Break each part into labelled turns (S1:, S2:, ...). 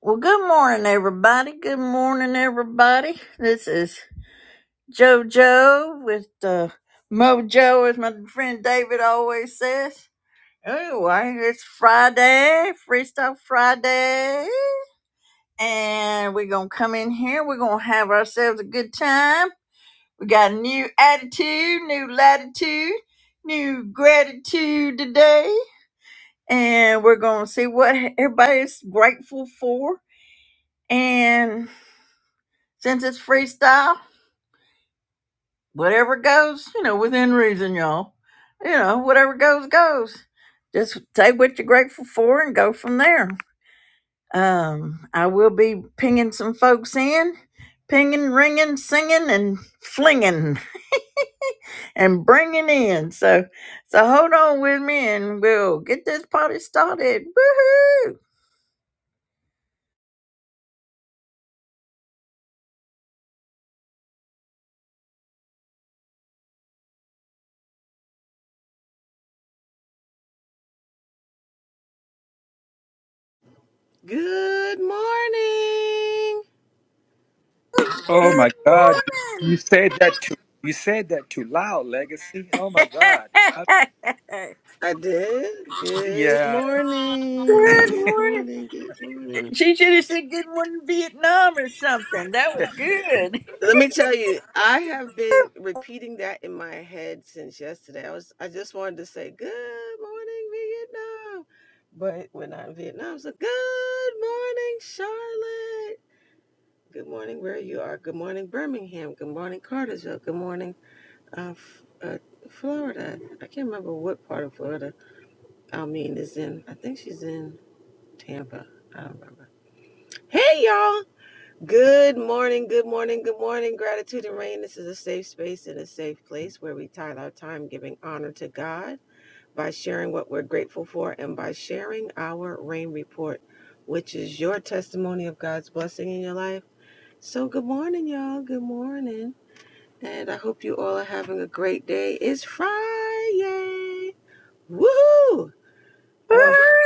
S1: Well, good morning, everybody. Good morning, everybody. This is JoJo with uh, Mojo, as my friend David always says. Anyway, it's Friday, Freestyle Friday, and we're going to come in here. We're going to have ourselves a good time. We got a new attitude, new latitude, new gratitude today, and we're going to see what everybody's grateful for. And Since it's freestyle, whatever goes, you know, within reason, y'all. You know, whatever goes, goes. Just take what you're grateful for and go from there. Um, I will be pinging some folks in, pinging, ringing, singing, and flinging. and bringing in. So, so hold on with me, and we'll get this party started. Woohoo!
S2: Good morning.
S3: Oh
S2: Good,
S3: my God,
S1: Good
S3: you
S1: morning.
S3: said that too. You said that too loud, Legacy. Oh my God. I,
S2: I did. Good
S3: yeah.
S2: morning.
S1: good
S2: Good
S1: morning.
S2: morning. Good morning.
S1: She should have said good morning Vietnam or something. That was good.
S2: Let me tell you, I have been repeating that in my head since yesterday. I was I just wanted to say good morning Vietnam. But when I'm in Vietnam, it's like good morning Charlotte. Good morning where you are. Good morning Birmingham. Good morning Cartersville. Good morning uh, F- uh, Florida. I can't remember what part of Florida. I mean, is in, I think she's in Tampa. I don't remember. Hey, y'all. Good morning, good morning, good morning. Gratitude and rain. This is a safe space and a safe place where we tithe our time giving honor to God by sharing what we're grateful for and by sharing our rain report, which is your testimony of God's blessing in your life. So, good morning, y'all. Good morning. And I hope you all are having a great day. It's Friday. Woohoo! Ugh.
S1: Woohoo!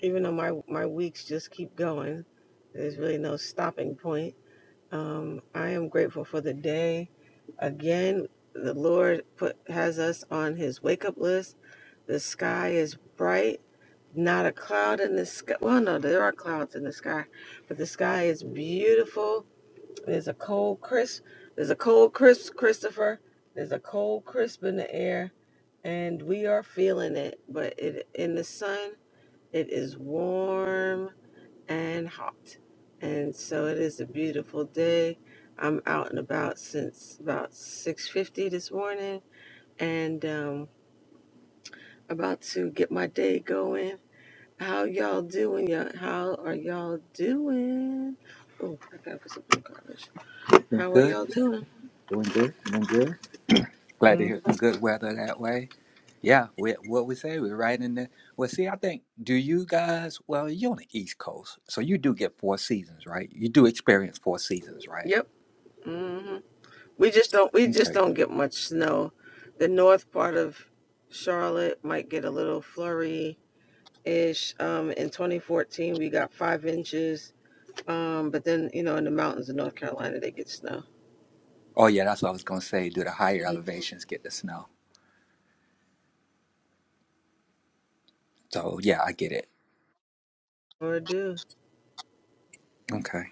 S2: even though my my weeks just keep going, there's really no stopping point. Um, I am grateful for the day. Again, the Lord put has us on His wake up list. The sky is bright, not a cloud in the sky. Well, no, there are clouds in the sky, but the sky is beautiful. There's a cold crisp. There's a cold crisp, Christopher. There's a cold crisp in the air, and we are feeling it. But it in the sun. It is warm and hot. And so it is a beautiful day. I'm out and about since about 6:50 this morning and um about to get my day going. How y'all doing? Y'all, how are y'all doing? Oh, I gotta put some in garbage.
S3: Doing
S2: How are
S3: good.
S2: y'all doing?
S3: Doing good. Doing good. Glad to
S2: Mm,
S3: hear some good weather that way. Yeah, we, what we say, we're right in there. Well, see, I think, do you guys, well, you're on the East Coast, so you do get four seasons, right? You do experience four seasons, right?
S2: yep. hmm We just don't we just
S3: Okay.
S2: don't get much snow. The north part of Charlotte might get a little flurry ish. Um, in 2014, we got five inches. Um, but then you know, in the mountains of North Carolina, they get snow.
S3: Oh, yeah, that's what I was going to say. Do the higher elevations get the snow? So, yeah, I get it.
S2: Or do.
S3: Okay.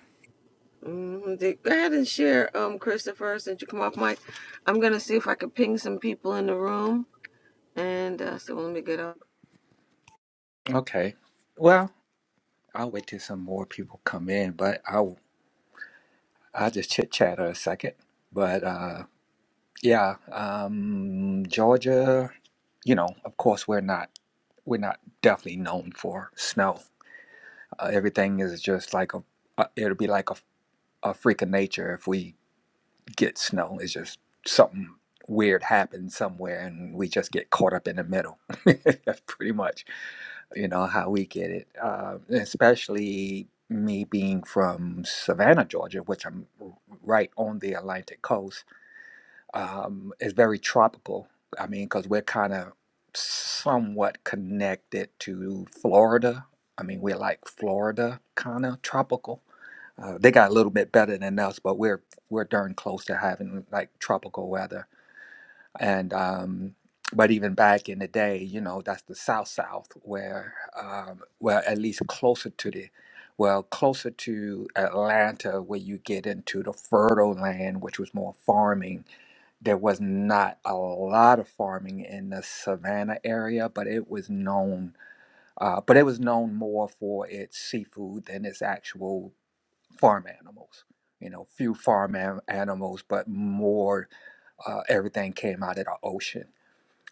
S2: Mm-hmm. Go ahead and share, um, Christopher, since you come off mic. I'm gonna see if I can ping some people in the room. And uh, so let me get up.
S3: Okay. Well, I'll wait till some more people come in, but I I'll just chit chat a second. But uh, yeah, um, Georgia, you know, of course we're not we're not definitely known for snow. Uh, everything is just like a, uh, it'll be like a, a freak of nature if we get snow. It's just something weird happens somewhere and we just get caught up in the middle. That's pretty much, you know, how we get it. Uh, especially me being from Savannah, Georgia, which I'm right on the Atlantic coast um, is very tropical. I mean, because we're kind of somewhat connected to Florida. I mean, we're like Florida, kind of tropical. Uh, they got a little bit better than us, but we're we're darn close to having like tropical weather. And um, but even back in the day, you know, that's the South South, where um, well, at least closer to the well, closer to Atlanta, where you get into the fertile land, which was more farming there was not a lot of farming in the savannah area, but it was known, uh, but it was known more for its seafood than its actual farm animals. You know, few farm an- animals, but more uh, everything came out of the ocean.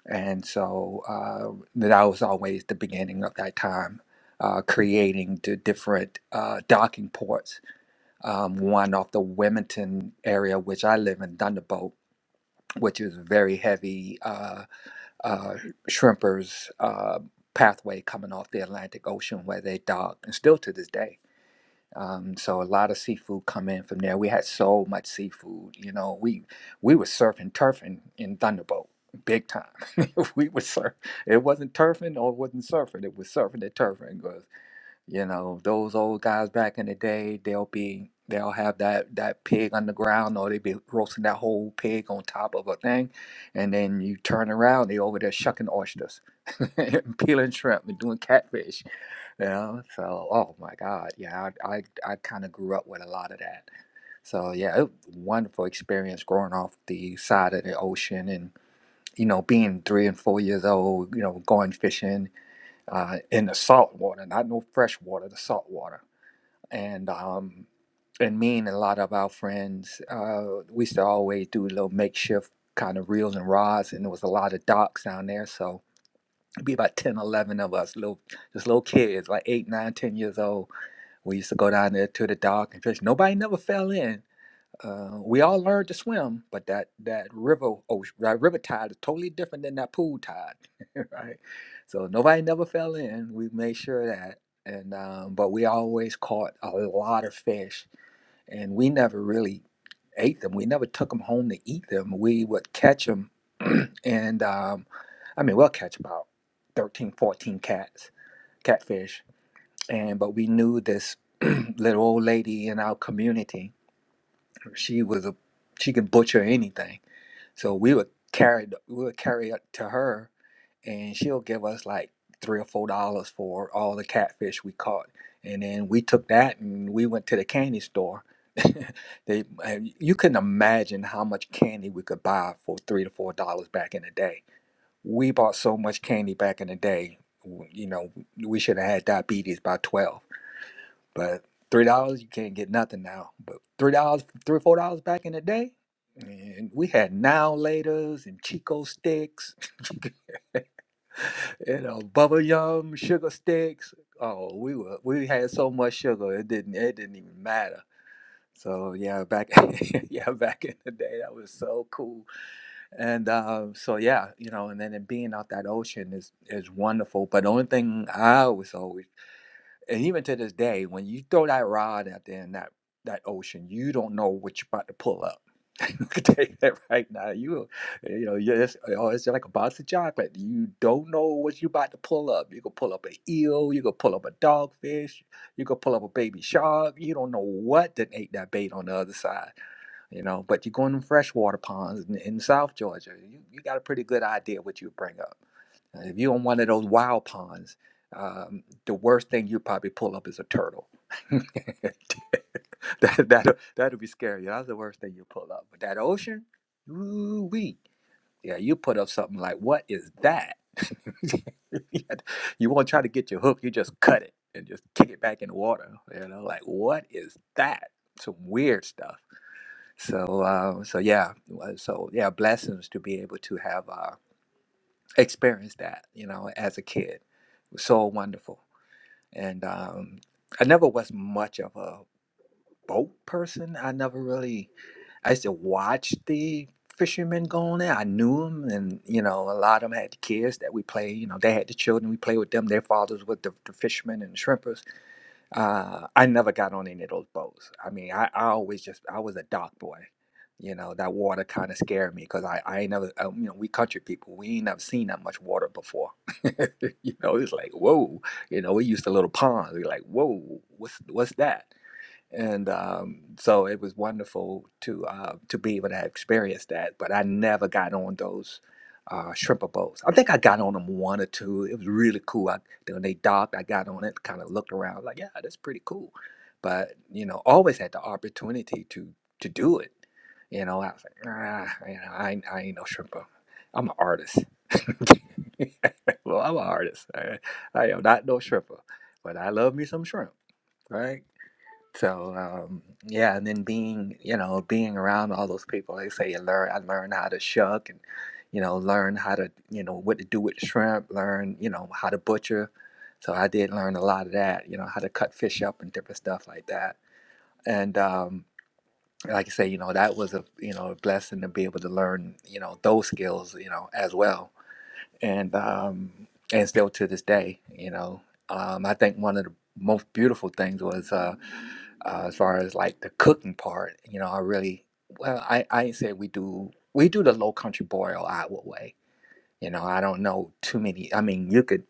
S3: And so uh, that was always the beginning of that time, uh, creating the different uh, docking ports. Um, one off the Wilmington area, which I live in, Thunderbolt, which is very heavy. Uh, uh, shrimpers uh, pathway coming off the Atlantic Ocean where they dock, and still to this day. Um, so a lot of seafood come in from there. We had so much seafood, you know. We we were surfing turfing in Thunderbolt, big time. we were surf. It wasn't turfing or it wasn't surfing. It was surfing and turfing. because you know, those old guys back in the day, they'll be they'll have that that pig on the ground or they be roasting that whole pig on top of a thing and then you turn around they over there shucking oysters and peeling shrimp and doing catfish you know so oh my god yeah i i, I kind of grew up with a lot of that so yeah it, was a wonderful experience growing off the side of the ocean and you know being three and four years old you know going fishing uh, in the salt water not no fresh water the salt water and um, and me and a lot of our friends, uh, we used to always do little makeshift kind of reels and rods, and there was a lot of docks down there. So it'd be about 10, 11 of us, little just little kids, like eight, nine, ten years old. We used to go down there to the dock and fish. Nobody never fell in, uh, we all learned to swim, but that that river ocean, that river tide is totally different than that pool tide, right? So nobody never fell in. We made sure of that, and um, but we always caught a lot of fish, and we never really ate them. We never took them home to eat them. We would catch them, and um, I mean, we'll catch about 13, 14 cats, catfish, and but we knew this little old lady in our community she was a she could butcher anything. So we would carry the- we would carry it to her, and she'll give us like three or four dollars for all the catfish we caught. And then we took that and we went to the candy store. they and you couldn't imagine how much candy we could buy for three to four dollars back in the day. We bought so much candy back in the day. w- You know, we should have had diabetes by twelve but three dollars, you can't get nothing now. But three dollars, three or four dollars back in the day, and we had now laters and Chico sticks, you know, bubble yum, sugar sticks. Oh, we were we had so much sugar it didn't it didn't even matter. So yeah, back yeah back in the day that was so cool. And um, so yeah, you know, and then it being out that ocean is is wonderful. But the only thing I was always and even to this day, when you throw that rod out there in that that ocean, you don't know what you're about to pull up. I can tell you that right now. You, you know, you're just, oh, it's like a box of chocolate. You don't know what you're about to pull up. You could pull up an eel. You could pull up a dogfish. You could pull up a baby shark. You don't know what that ate that bait on the other side. You know, but you go in them freshwater ponds in, in South Georgia. You, you got a pretty good idea what you bring up uh, If you're on one of those wild ponds, um, the worst thing you probably pull up is a turtle. that that'll, that'll be scary. That's the worst thing you pull up. But that ocean, ooh wee. Yeah, you put up something like, what is that? you won't try to get your hook, you just cut it and just kick it back in the water. You know, like what is that? Some weird stuff. So uh, so yeah. uh, So yeah, blessings to be able to have uh, experienced that, you know, as a kid. It was so wonderful. And um, I never was much of a boat person. I never really, I used to watch the fishermen go on there. I knew them, and, you know, a lot of them had the kids that we played, you know, they had the children, we played with them. Their fathers were the, the fishermen and the shrimpers uh, I never got on any of those boats. I mean, I, I always just I was a dock boy. You know, that water kind of scared me because I, I ain't never, um, you know, we country people, we ain't never seen that much water before. you know, it's like, whoa, you know, we used to little ponds. We're like, whoa, what's, what's that? and um, so it was wonderful to uh, to be able to experience that. But I never got on those uh, shrimper boats. I think I got on them one or two. It was really cool. I, when they docked, I got on it, kind of looked around, like, yeah, that's pretty cool. But you know, always had the opportunity to to do it. You know, I was like, ah, you know, I, ain't- I ain't no shrimper. I'm an artist. well, I'm an artist. I, I am not no shrimper, but I love me some shrimp, right? So um, yeah, and then being you know being around all those people, they say you learn. I learned how to shuck and you know learn how to you know what to do with shrimp. Learn you know how to butcher. So I did learn a lot of that. You know how to cut fish up and different stuff like that. And um, like I say, you know that was a you know a blessing to be able to learn you know those skills you know as well. And um, and still to this day, you know, um, I think one of the most beautiful things was. Uh, uh, as far as like the cooking part, you know, I really well, I I ain't say we do we do the low country boil Iowa way. You know, I don't know too many. I mean, you could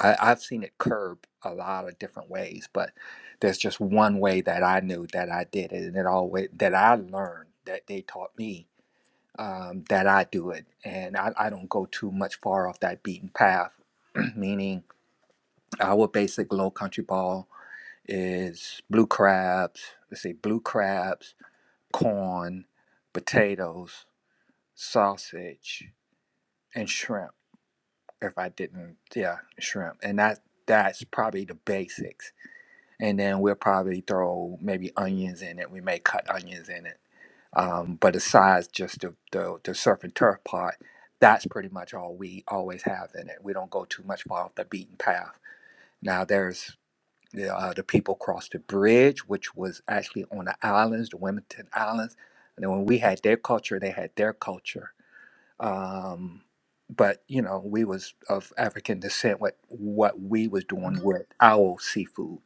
S3: I, I've seen it curb a lot of different ways, but there's just one way that I knew that I did it, and it always that I learned that they taught me um, that I do it, and I, I don't go too much far off that beaten path. Meaning, our basic low country ball is blue crabs. Let's say blue crabs corn, potatoes, sausage, and shrimp. If I didn't, yeah, shrimp, and that that's probably the basics. And then we'll probably throw maybe onions in it. We may cut onions in it. Um, but aside just the, the the surf and turf part, that's pretty much all we always have in it. We don't go too much off the beaten path. Now there's the, uh, the people crossed the bridge, which was actually on the islands, the Wilmington Islands. And then when we had their culture, they had their culture. Um, but you know, we was of African descent. What what we was doing with our seafood,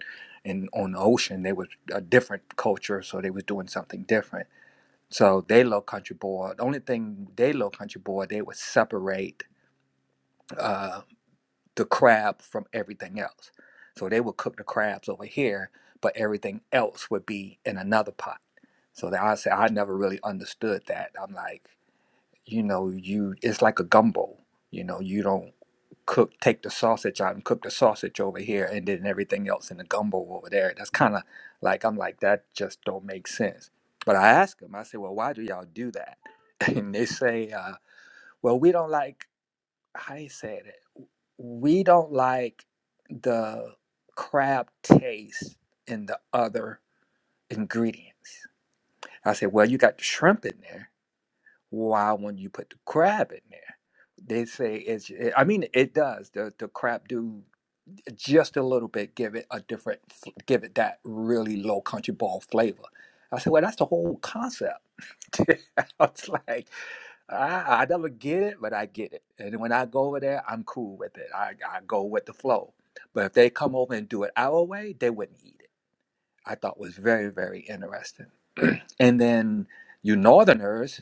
S3: and on the ocean, they was a different culture, so they was doing something different. So they low country boy. The only thing they low country boy, they would separate. uh, the crab from everything else. So they would cook the crabs over here, but everything else would be in another pot. So that I say I never really understood that. I'm like, you know, you it's like a gumbo. You know, you don't cook take the sausage out and cook the sausage over here and then everything else in the gumbo over there. That's kinda like I'm like, that just don't make sense. But I ask them, I say, Well, why do y'all do that? And they say, uh, well, we don't like how you say it we don't like the crab taste in the other ingredients. I said, well, you got the shrimp in there. Why wouldn't you put the crab in there? They say it's. It, I mean, it does. The the crab do just a little bit. Give it a different. Give it that really low country ball flavor. I said, well, that's the whole concept. I was like. I, I never get it, but I get it. And when I go over there, I'm cool with it. I, I go with the flow. But if they come over and do it our way, they wouldn't eat it. I thought was very, very interesting. and then you northerners,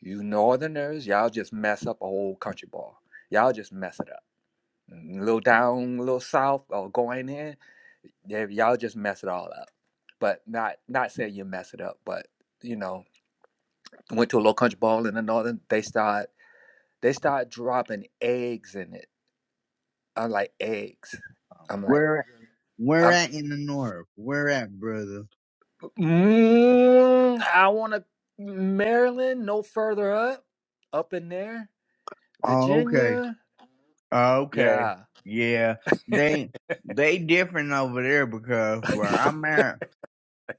S3: you northerners, y'all just mess up a whole country ball. Y'all just mess it up. A little down, a little south, or going in, yeah, y'all just mess it all up. But not not saying you mess it up, but you know, went to a little country ball in the northern. They start. They start dropping eggs in it. I'm like eggs.
S4: Um,
S3: I'm like
S4: Where where
S3: I'm.
S4: at in the north? Where at, brother?
S3: Mm, I want to Maryland. No further up, up in there,
S4: Oh, okay.
S3: Virginia.
S4: Oh, okay.
S3: Yeah,
S4: Yeah. They they different over there because where I'm at,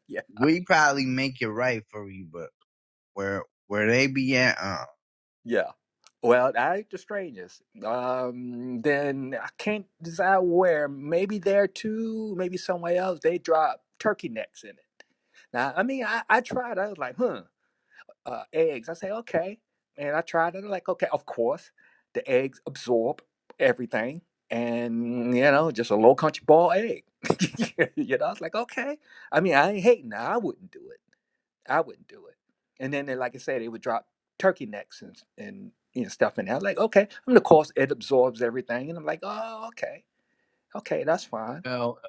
S3: yeah,
S4: we probably make it right for you, but where where they be at, uh
S3: yeah. Well, I ain't the strangest. Um, then I can't decide where. Maybe there too. Maybe somewhere else. They drop turkey necks in it. Now, I mean, I, I tried. I was like, huh. uh, eggs. I say, okay. And I tried it. I'm like, okay, of course, the eggs absorb everything. And, you know, just a low country ball egg. you know, I was like, okay. I mean, I ain't hating. I wouldn't do it. I wouldn't do it. And then, they, like I said, they would drop turkey necks and, and you know, stuff in there. I was like, okay. I mean, of course, it absorbs everything. And I'm like, oh, okay. Okay, that's fine.
S4: well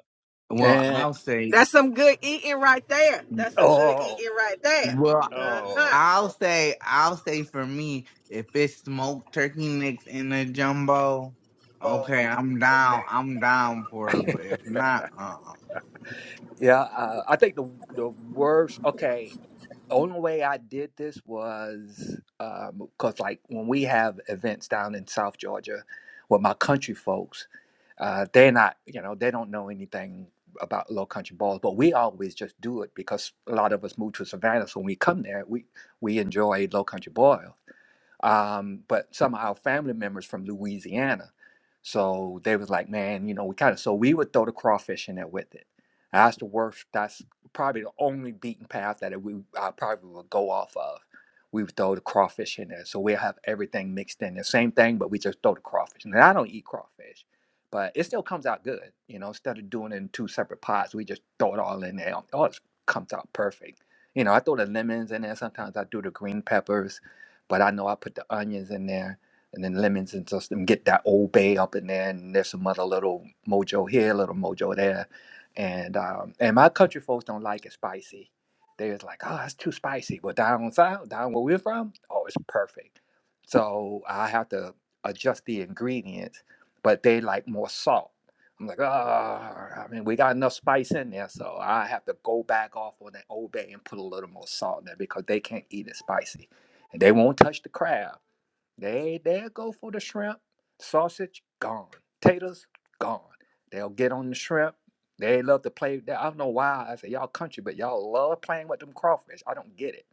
S4: well
S3: And,
S4: I'll say
S2: That's some good eating right there. That's some good
S3: oh,
S2: eating right there.
S4: well
S2: Uh
S3: oh.
S2: huh.
S4: I'll say I'll say for me, if it's smoked turkey necks in the jumbo, okay, I'm down I'm down for it. But if not, uh uh
S3: yeah, uh, I think the the worst. Okay, only way I did this was because, like, when we have events down in South Georgia with my country folks, uh, they're not, you know, they don't know anything about low country balls, but we always just do it because a lot of us move to Savannah. So when we come there, we we enjoy low country boil um, but some of our family members from Louisiana. So they was like, man, you know, we kind of so we would throw the crawfish in there with it. That's the worst. That's probably the only beaten path that we I probably would go off of. We would throw the crawfish in there, so we'll have everything mixed in the same thing, but we just throw the crawfish. And I don't eat crawfish, but it still comes out good, you know. Instead of doing it in two separate pots, we just throw it all in there. It all comes out perfect. You know, I throw the lemons in there. Sometimes I do the green peppers but I know I put the onions in there and then lemons and just and get that old bay up in there. And there's some other little mojo here, little mojo there. And um, and my country folks don't like it spicy. They was like, oh, that's too spicy. But down south, down where we're from, oh, it's perfect. So I have to adjust the ingredients, but they like more salt. I'm like, oh, I mean, we got enough spice in there, so I have to go back off on that old bay and put a little more salt in there because they can't eat it spicy. They won't touch the crab. They they'll go for the shrimp. Sausage gone. Taters gone. They'll get on the shrimp. They love to play. I don't know why. I say y'all country, but y'all love playing with them crawfish. I don't get it.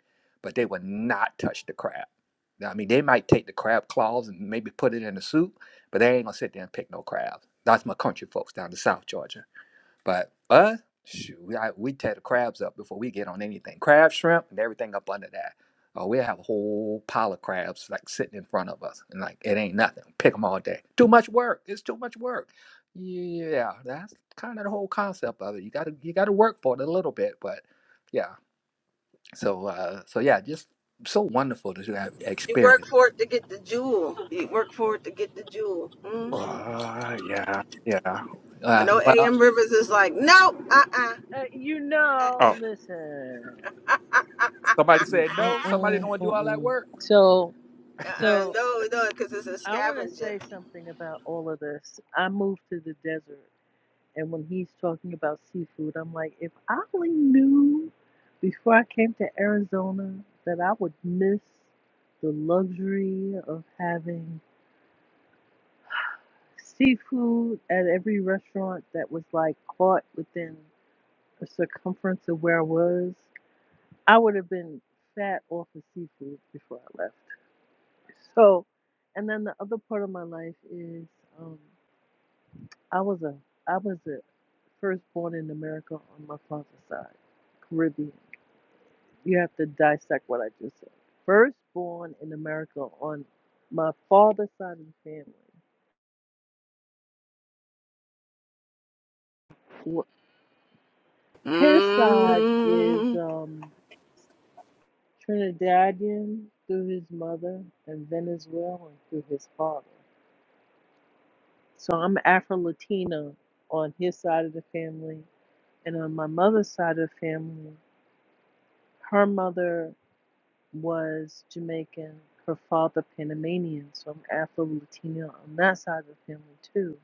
S3: But they will not touch the crab. Now, I mean, they might take the crab claws and maybe put it in the soup, but they ain't gonna sit there and pick no crabs. That's my country folks down to South Georgia. But uh, shoot, I, we tear the crabs up before we get on anything. Crab, shrimp, and everything up under that. Oh, we have a whole pile of crabs like sitting in front of us, and like it ain't nothing. Pick them all day. Too much work. It's too much work. Yeah, that's kind of the whole concept of it. You gotta you gotta work for it a little bit, but yeah. So uh, so yeah, just so wonderful to have
S2: You
S3: experience.
S2: work for it to get the jewel. You work for it to get the jewel. hmm
S3: Uh, yeah, yeah.
S2: I
S3: Uh,
S2: know
S3: well,
S2: A.M. Rivers is like, no, uh uh-uh,
S5: Uh, you
S2: uh,
S5: know,
S3: oh,
S5: listen.
S2: uh
S3: somebody
S2: uh,
S5: Mm,
S3: said
S5: mm,
S3: no.
S2: uh.
S3: Somebody don't
S5: mm,
S3: want to do
S5: mm,
S3: all that
S5: mm.
S3: work.
S5: So,
S2: Uh,
S5: so
S2: no, no, because it's a
S5: I want to
S2: scavenger.
S5: say something about all of this. I moved to the desert, and when he's talking about seafood, I'm like, if I only knew before I came to Arizona that I would miss the luxury of having seafood at every restaurant that was like caught within a circumference of where I was. I would have been fat off of seafood before I left. So, and then the other part of my life is um, I was a I was a first born in America on my father's side, Caribbean. You have to dissect what I just said. First born in America on my father's side of the family. Wh- His side is
S2: Mm.
S5: um, Trinidadian through his mother and Venezuelan through his father. So I'm Afro Latina on his side of the family. And on my mother's side of the family, her mother was Jamaican, her father Panamanian. So I'm Afro Latina on that side of the family too.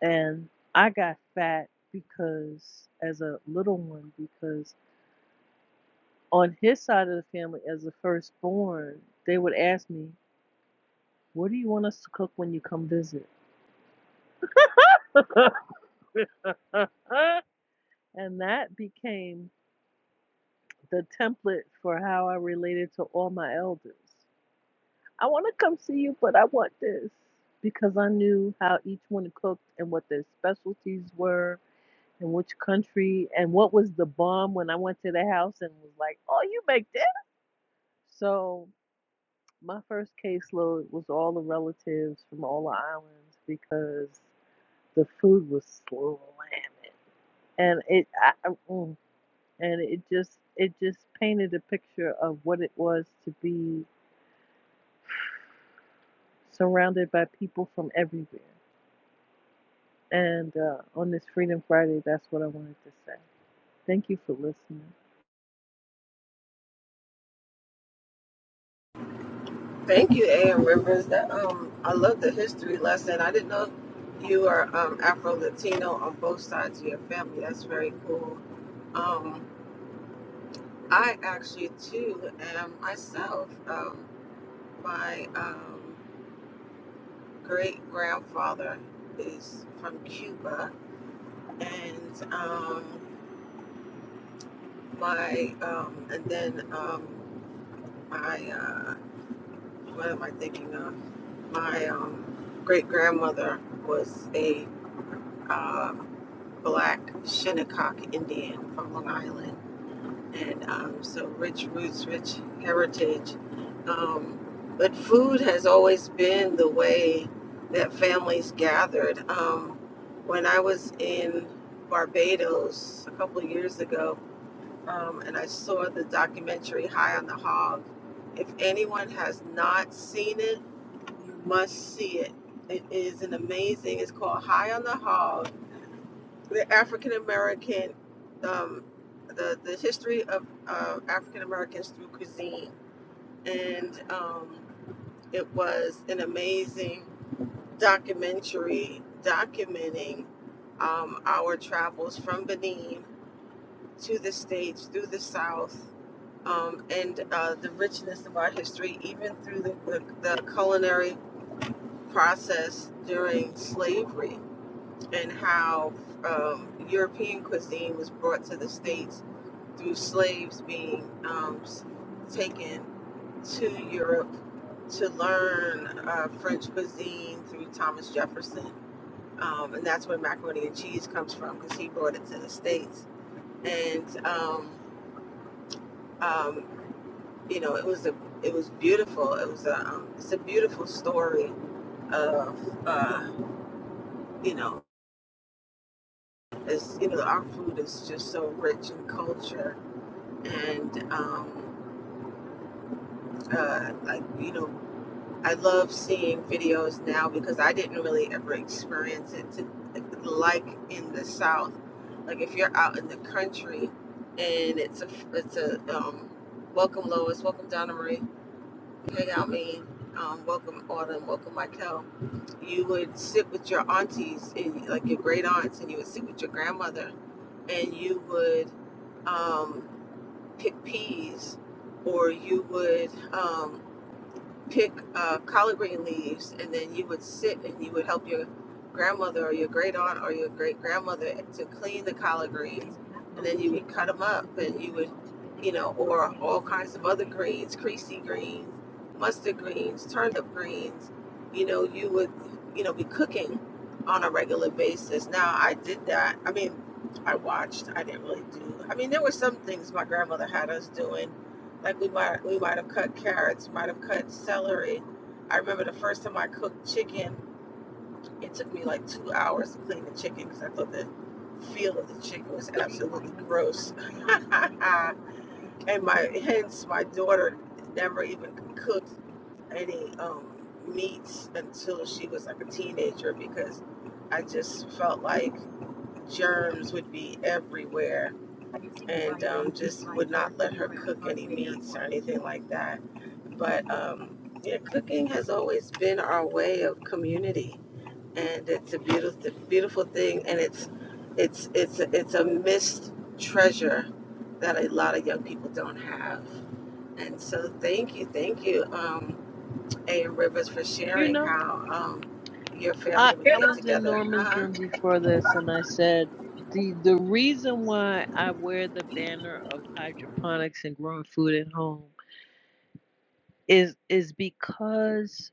S5: And I got fat because, as a little one, because on his side of the family, as the firstborn, they would ask me, What do you want us to cook when you come visit? and that became the template for how I related to all my elders. I want to come see you, but I want this because I knew how each one cooked and what their specialties were and which country and what was the bomb when I went to the house and was like, "Oh, you make this?" So my first caseload was all the relatives from all the islands because the food was slam, and it I, I- mm, and it just it just painted a picture of what it was to be surrounded by people from everywhere. And uh, on this Freedom Friday, that's what I wanted to say. Thank you for listening.
S2: Thank you, A.M. Rivers. That um, I love the history lesson. I didn't know you are um Afro Latino on both sides of your family. That's very cool. Um, I actually too am myself. Um, my um great grandfather is from Cuba, and um my um and then um my uh, what am I thinking of? My um, great grandmother was a uh, black Shinnecock Indian from Long Island, and um, so rich roots, rich heritage. Um, but food has always been the way that families gathered. Um, when I was in Barbados a couple of years ago, um, and I saw the documentary High on the Hog. If anyone has not seen it, you must see it. It is an amazing. It's called High on the Hog. The African American, um, the the history of uh, African Americans through cuisine, and um, it was an amazing documentary documenting um, our travels from Benin to the states through the South. Um, and uh, the richness of our history, even through the, the, the culinary process during slavery. and how um, European cuisine was brought to the States through slaves being um, taken to Europe to learn uh, French cuisine through Thomas Jefferson. Um, and that's where macaroni and cheese comes from because he brought it to the States. And, um, um, you know, it was a it was beautiful. It was a um, it's a beautiful story of uh, you know, it's you know our food is just so rich in culture and um, uh, like you know, I love seeing videos now because I didn't really ever experience it to, like in the South. Like if you're out in the country and it's a it's a um, welcome Lois, welcome Donna Marie, hey Almeen, um, welcome Autumn, welcome Michael. You would sit with your aunties and like your great aunts, and you would sit with your grandmother, and you would. um, pick peas, or you would um, pick uh, collard green leaves, and then you would sit and you would help your grandmother or your great aunt or your great grandmother to clean the collard greens, and then you would cut them up and you would, you know, or all kinds of other greens, creasy greens, mustard greens, turnip greens. You know, you would, you know, be cooking on a regular basis. Now I did that. I mean, I watched. I didn't really do. I mean, there were some things my grandmother had us doing like we might we might have cut carrots, might have cut celery. I remember the first time I cooked chicken, it took me like two hours to clean the chicken because I thought the feel of the chicken was absolutely gross. and my hence my daughter never even cooked any um, meats until she was like a teenager because I just felt like germs would be everywhere and um, just would not let her cook any meats or anything like that. But um, yeah, cooking has always been our way of community, and it's a beautiful, beautiful thing, and it's it's it's it's a missed treasure that a lot of young people don't have. And so, thank you, thank you, um, A. M Rivers, for
S5: You
S2: sharing
S5: know,
S2: how um, your family
S5: I,
S2: would
S5: I
S2: get
S5: was in
S2: together.
S5: Norman's
S2: Uh-huh.
S5: room before this, and I said the the reason why I wear the banner of hydroponics and growing food at home is is because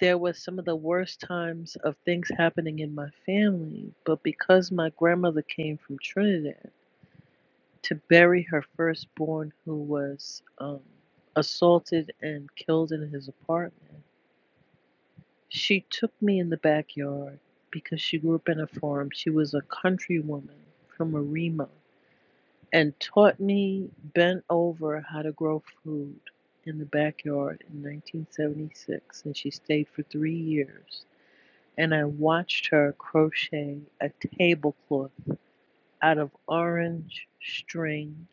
S5: there was some of the worst times of things happening in my family, but because my grandmother came from Trinidad to bury her firstborn who was um, assaulted and killed in his apartment. She took me in the backyard because she grew up in a farm. She was a country woman from Arima and taught me, bent over, how to grow food in the backyard in 1976. And she stayed for three years. And I watched her crochet a tablecloth out of orange string,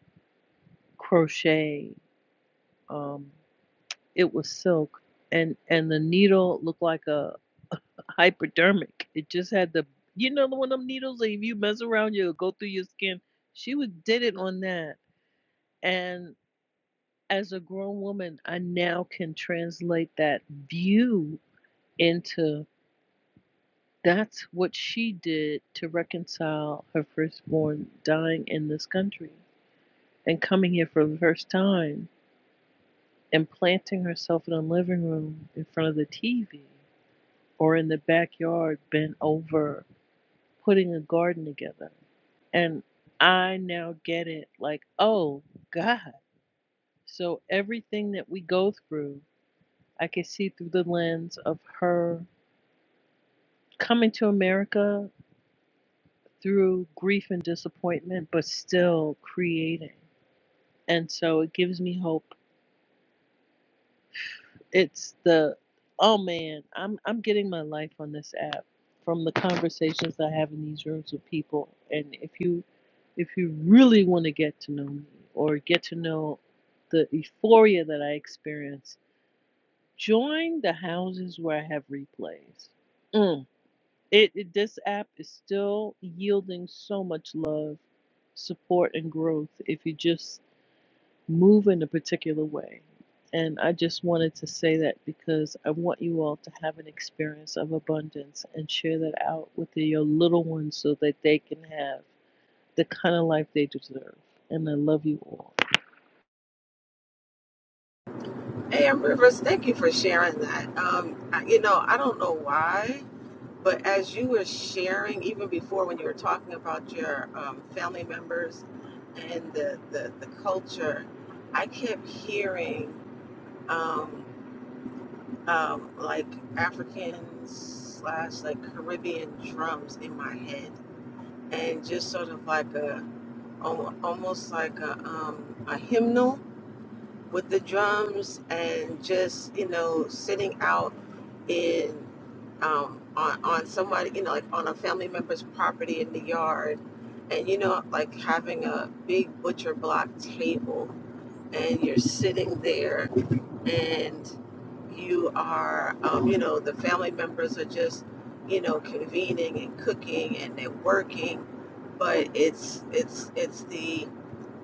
S5: crochet um, It was silk, and and the needle looked like a hypodermic. It just had the you know the one of them needles that if you mess around you'll go through your skin. She was did it on that, and as a grown woman, I now can translate that view into that's what she did to reconcile her firstborn dying in this country and coming here for the first time and planting herself in a living room in front of the TV or in the backyard bent over putting a garden together. And I now get it like, oh God. So everything that we go through, I can see through the lens of her coming to America through grief and disappointment, but still creating. And so it gives me hope It's the oh man, I'm I'm getting my life on this app from the conversations I have in these rooms with people. And if you if you really want to get to know me or get to know the euphoria that I experience, join the houses where I have replays. Mm. It, it this app is still yielding so much love, support, and growth. If you just move in a particular way. And I just wanted to say that because I want you all to have an experience of abundance and share that out with your little ones so that they can have the kind of life they deserve. And I love you all.
S2: Hey, Am Rivers, thank you for sharing that. Um, I, you know, I don't know why, but as you were sharing, even before when you were talking about your um, family members and the, the, the culture, I kept hearing um, um, like African slash like Caribbean drums in my head, and just sort of like a al- almost like a, um, a hymnal with the drums and just you know sitting out in um, on on somebody, you know, like on a family member's property in the yard, and you know, like having a big butcher block table, and you're sitting there, and you are, um, you know, the family members are just, you know, convening and cooking, and they're working, but it's it's it's the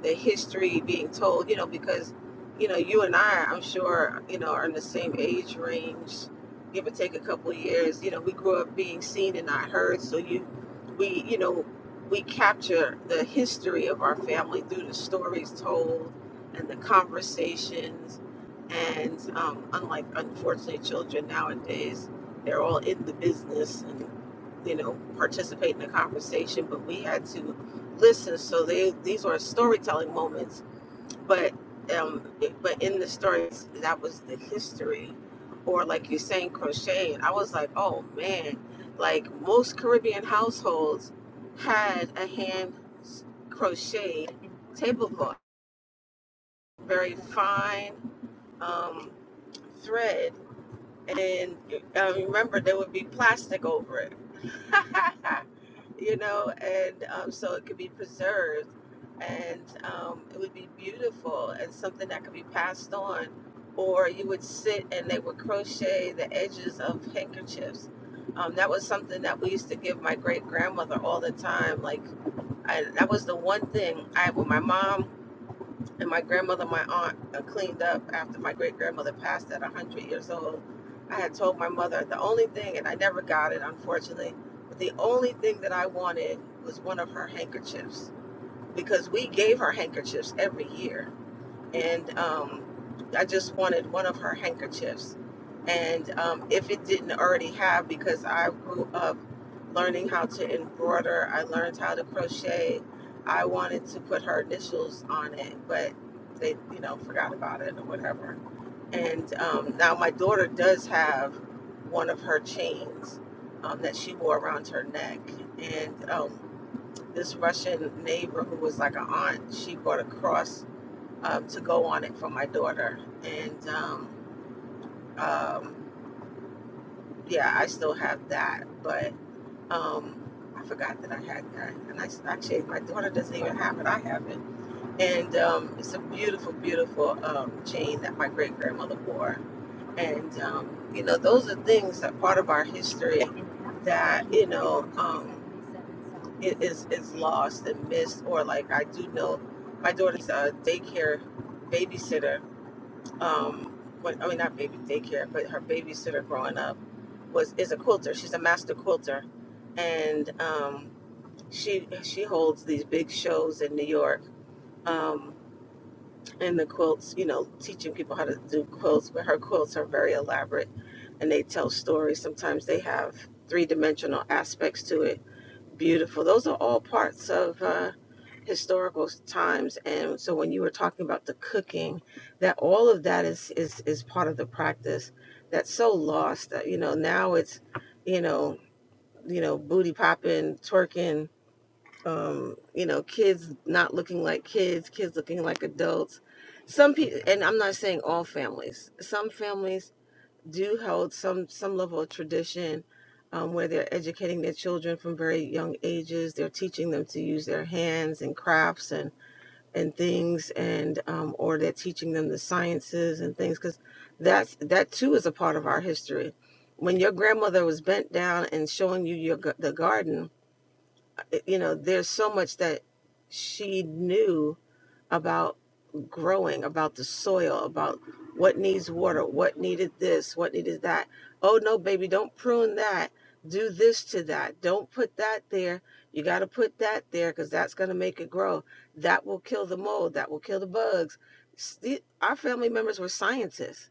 S2: the history being told, you know, because, you know, you and I, I'm sure, you know, are in the same age range, give or take a couple of years. You know, we grew up being seen and not heard. So you, we, you know, we capture the history of our family through the stories told and the conversations. And um, unlike, unfortunately, children nowadays, they're all in the business and, you know, participate in the conversation. But we had to listen so they these were storytelling moments but um but in the stories that was the history or like you're saying crocheting i was like oh man like most caribbean households had a hand crocheted tablecloth very fine um thread and i remember there would be plastic over it you know, and um, so it could be preserved and um, it would be beautiful and something that could be passed on. Or you would sit and they would crochet the edges of handkerchiefs. Um, that was something that we used to give my great grandmother all the time. Like, I, that was the one thing I, when my mom and my grandmother, my aunt uh, cleaned up after my great grandmother passed at 100 years old. I had told my mother the only thing, and I never got it, unfortunately, but the only thing that I wanted was one of her handkerchiefs because we gave her handkerchiefs every year and um, I just wanted one of her handkerchiefs. And um, if it didn't already have, because I grew up learning how to embroider, I learned how to crochet. I wanted to put her initials on it, but they, you know, forgot about it or whatever. And um, now my daughter does have one of her chains um, that she wore around her neck. And um, this Russian neighbor who was like an aunt, she bought a cross um, to go on it for my daughter. And um, um, yeah, I still have that, but um, I forgot that I had that. And I s- actually, my daughter doesn't even have it. I have it, and um, it's a beautiful, beautiful um, chain that my great grandmother wore. And um, you know, those are things that part of our history that you know. Um, it is is lost and missed or like I do know my daughter's a daycare babysitter um when, I mean not baby daycare, but her babysitter growing up was is a quilter. She's a master quilter, and um, she she holds these big shows in New York. Um, and the quilts, you know, teaching people how to do quilts, but her quilts are very elaborate, and they tell stories. Sometimes they have three dimensional aspects to it Beautiful. Those are all parts of uh, historical times. And so when you were talking about the cooking, that all of that is is is part of the practice that's so lost. That, you know, now it's, you know, you know, booty popping, twerking, um, you know, kids not looking like kids, kids looking like adults. Some people, and I'm not saying all families. Some families do hold some some level of tradition um, where they're educating their children from very young ages. They're teaching them to use their hands and crafts and and things, and um, or they're teaching them the sciences and things because that's that too is a part of our history. When your grandmother was bent down and showing you your g- the garden, eh, you know there's so much that she knew about growing, about the soil, about what needs water, what needed this, what needed that. Oh no, baby, don't prune that. Do this to that. Don't put that there. You got to put that there because that's going to make it grow. That will kill the mold. That will kill the bugs. S- the- Our family members were scientists,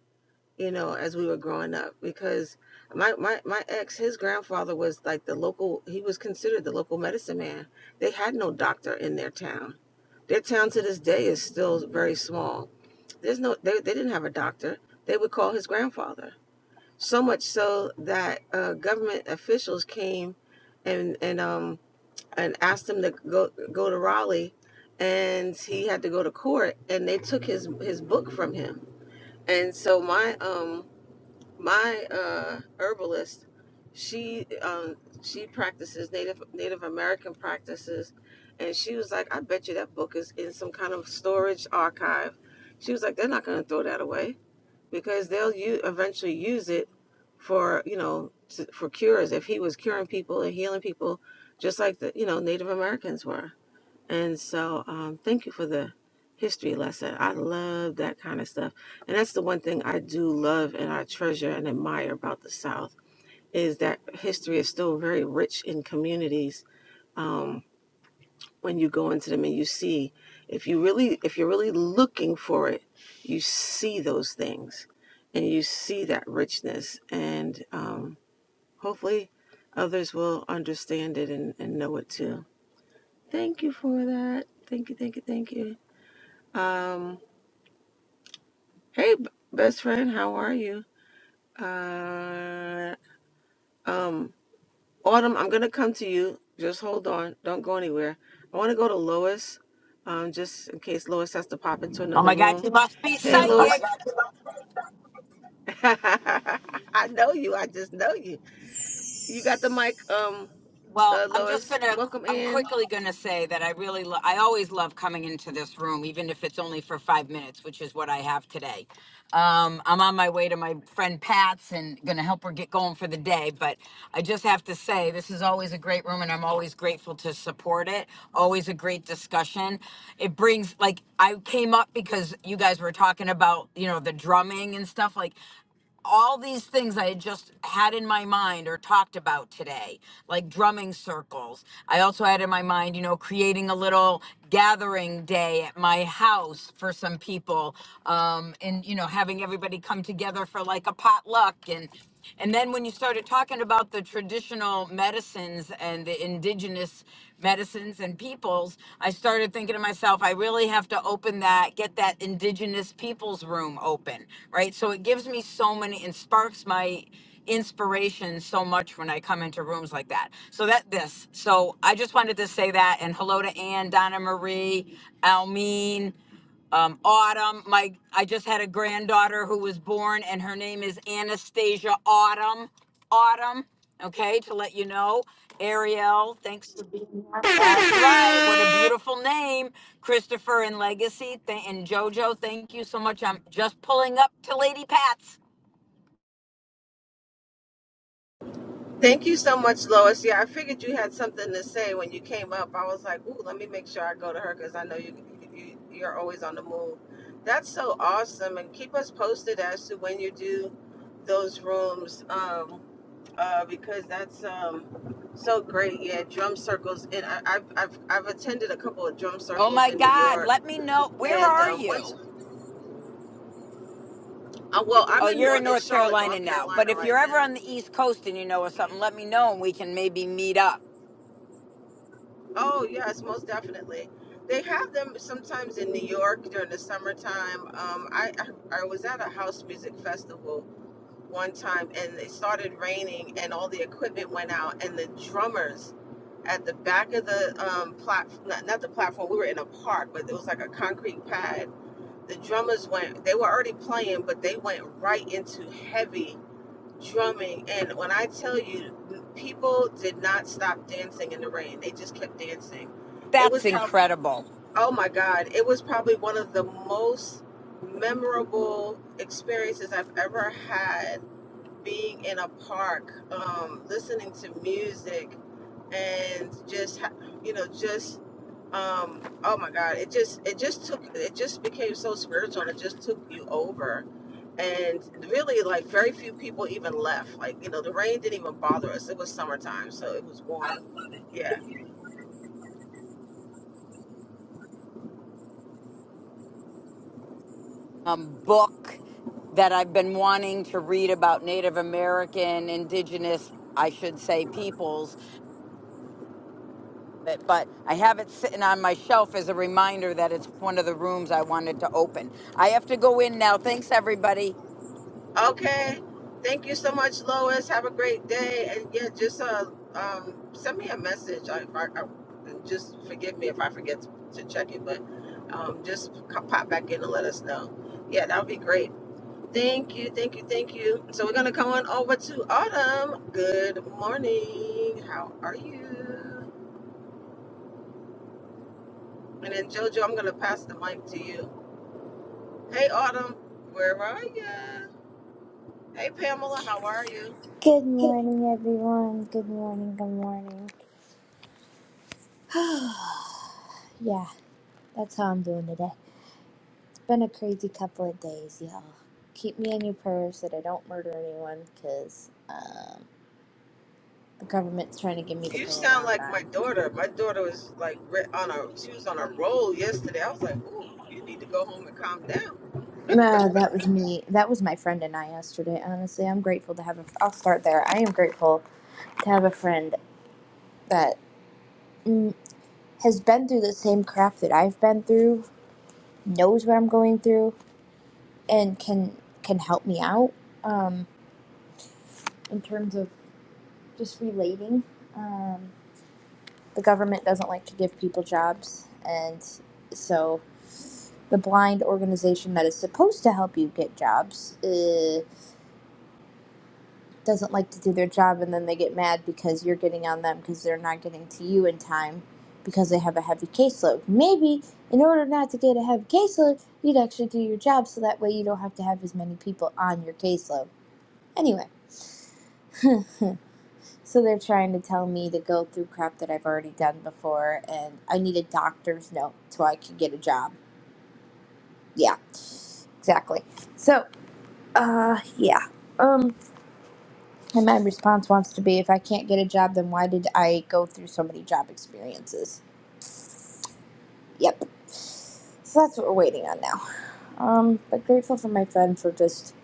S2: you know, as we were growing up because my, my, my ex, his grandfather was like the local, he was considered the local medicine man. They had no doctor in their town their town to this day is still very small. There's no, they, they didn't have a doctor. They would call his grandfather. So much so that uh, government officials came and and um and asked him to go go to Raleigh, and he had to go to court, and they took his his book from him. And so my um my uh, herbalist, she um, she practices Native Native American practices, and she was like, "I bet you that book is in some kind of storage archive." She was like, "They're not going to throw that away because they'll u- eventually use it for you know to, for cures. If he was curing people and healing people, just like the you know Native Americans were." And so, um, thank you for the history lesson. I love that kind of stuff. And that's the one thing I do love and I treasure and admire about the South is that history is still very rich in communities. Um, when you go into them and you see, if you really, if you're really looking for it, you see those things and you see that richness and, um, hopefully others will understand it and, and know it too. Thank you for that. Thank you. Thank you. Thank you. Um, hey, b- best friend, how are you? Uh, um, Autumn, I'm gonna come to you. Just hold on. Don't go anywhere. I want to go to Lois, um, just in case Lois has to pop into
S6: Oh
S2: another
S6: my God,
S2: room.
S6: you must be
S2: Hey, Oh Lois.
S6: psychic.
S2: I know you. I just know you. You got the mic, um,
S6: Well,
S2: uh,
S6: I'm just
S2: Lois.
S6: gonna,
S2: Welcome
S6: I'm
S2: in.
S6: quickly gonna say that I really, lo- I always love coming into this room, even if it's only for five minutes, which is what I have today. Um, I'm on my way to my friend Pat's and gonna help her get going for the day, but I just have to say, this is always a great room and I'm always grateful to support it. Always a great discussion. It brings, like, I came up because you guys were talking about, you know, the drumming and stuff. Like, all these things I had just had in my mind or talked about today, like drumming circles. I also had in my mind, you know, creating a little gathering day at my house for some people um, and, you know, having everybody come together for like a potluck and and then when you started talking about the traditional medicines and the indigenous medicines and peoples, I started thinking to myself, I really have to open that, get that indigenous peoples room open, right? So it gives me so many and sparks my inspiration so much when I come into rooms like that. So that this. So I just wanted to say that and hello to Ann, Donna Marie, Almeen um, Autumn. My I just had a granddaughter who was born, and her name is Anastasia Autumn. Autumn. Okay, to let you know, Ariel. Thanks for being here. That's right. What a beautiful name, Christopher and Legacy and JoJo. Thank you so much. I'm just pulling up to Lady Pat's.
S2: Thank you so much, Lois. Yeah, I figured you had something to say when you came up. I was like, ooh, let me make sure I go to her because I know you, you you're always on the move. That's so awesome, and keep us posted as to when you do those rooms, um, uh, because that's um, so great. Yeah, drum circles, and I, I've, I've I've attended a couple of drum
S6: Oh
S2: circles
S6: my
S2: in New
S6: God!
S2: York,
S6: Let me know where
S2: and
S6: are
S2: um, once,
S6: you.
S2: uh, well, I'm
S6: Oh,
S2: in
S6: you're in
S2: North in
S6: North
S2: Charlotte,
S6: Carolina
S2: North
S6: now. But
S2: Carolina
S6: if
S2: right
S6: you're ever on the
S2: now.
S6: East Coast and you know of something, let me know and we can maybe meet up.
S2: Oh, yes, most definitely. They have them sometimes in New York during the summertime. Um, I, I I was at a house music festival one time and it started raining and all the equipment went out and the drummers at the back of the um, platform, not, not the platform, we were in a park, but it was like a concrete pad. The drummers went, they were already playing, but they went right into heavy drumming. And when I tell you, people did not stop dancing in the rain. They just kept dancing. It
S6: That's
S2: was probably,
S6: incredible.
S2: oh my God, it was probably one of the most memorable experiences I've ever had being in a park, um, listening to music, and just, ha- you know, just um oh my god it just it just took it just became so spiritual and it just took you over and really like very few people even left like you know the rain didn't even bother us it was summertime so it was warm I love it. yeah
S6: um, book that I've been wanting to read about Native American, indigenous, I should say, peoples. But, but I have it sitting on my shelf as a reminder that it's one of the rooms I wanted to open. I have to go in now. Thanks, everybody.
S2: okay thank you so much lois have a great day and yeah just uh um send me a message I, I, I and just forgive me if i forget to, to check it but um just c- pop back in and let us know yeah that would be great Thank you, thank you, thank you. So we're gonna come on over to Autumn. Good morning. How are you? And then Jojo, I'm gonna pass the mic to you. Hey Autumn, where are you? Hey Pamela, how are you?
S7: Good morning, everyone. Good morning, good morning. yeah, that's how I'm doing today. It's been a crazy couple of days, y'all. Keep me in your prayers that I don't murder anyone because um, the government's trying to give me the
S2: You
S7: go
S2: sound
S7: around
S2: like my daughter.
S7: on.
S2: My daughter was like re- on a she was on a roll yesterday. I was like, ooh, you need to go home and calm down.
S7: Uh, that was me. That was my friend and I yesterday. Honestly, I'm grateful to have a. I'll start there. I am grateful to have a friend that mm, has been through the same crap that I've been through, knows what I'm going through, and can can help me out um, in terms of just relating. Um, the government doesn't like to give people jobs, and so the blind organization that is supposed to help you get jobs uh, doesn't like to do their job, and then they get mad because you're getting on them because they're not getting to you in time because they have a heavy caseload. Maybe in order not to get a heavy caseload, you'd actually do your job so that way you don't have to have as many people on your caseload. Anyway. So they're trying to tell me to go through crap that I've already done before, and I need a doctor's note so I can get a job. Yeah, exactly. So, uh, yeah. Um, and my response wants to be if I can't get a job, then why did I go through so many job experiences? Yep. So that's what we're waiting on now. Um, but grateful for my friend for just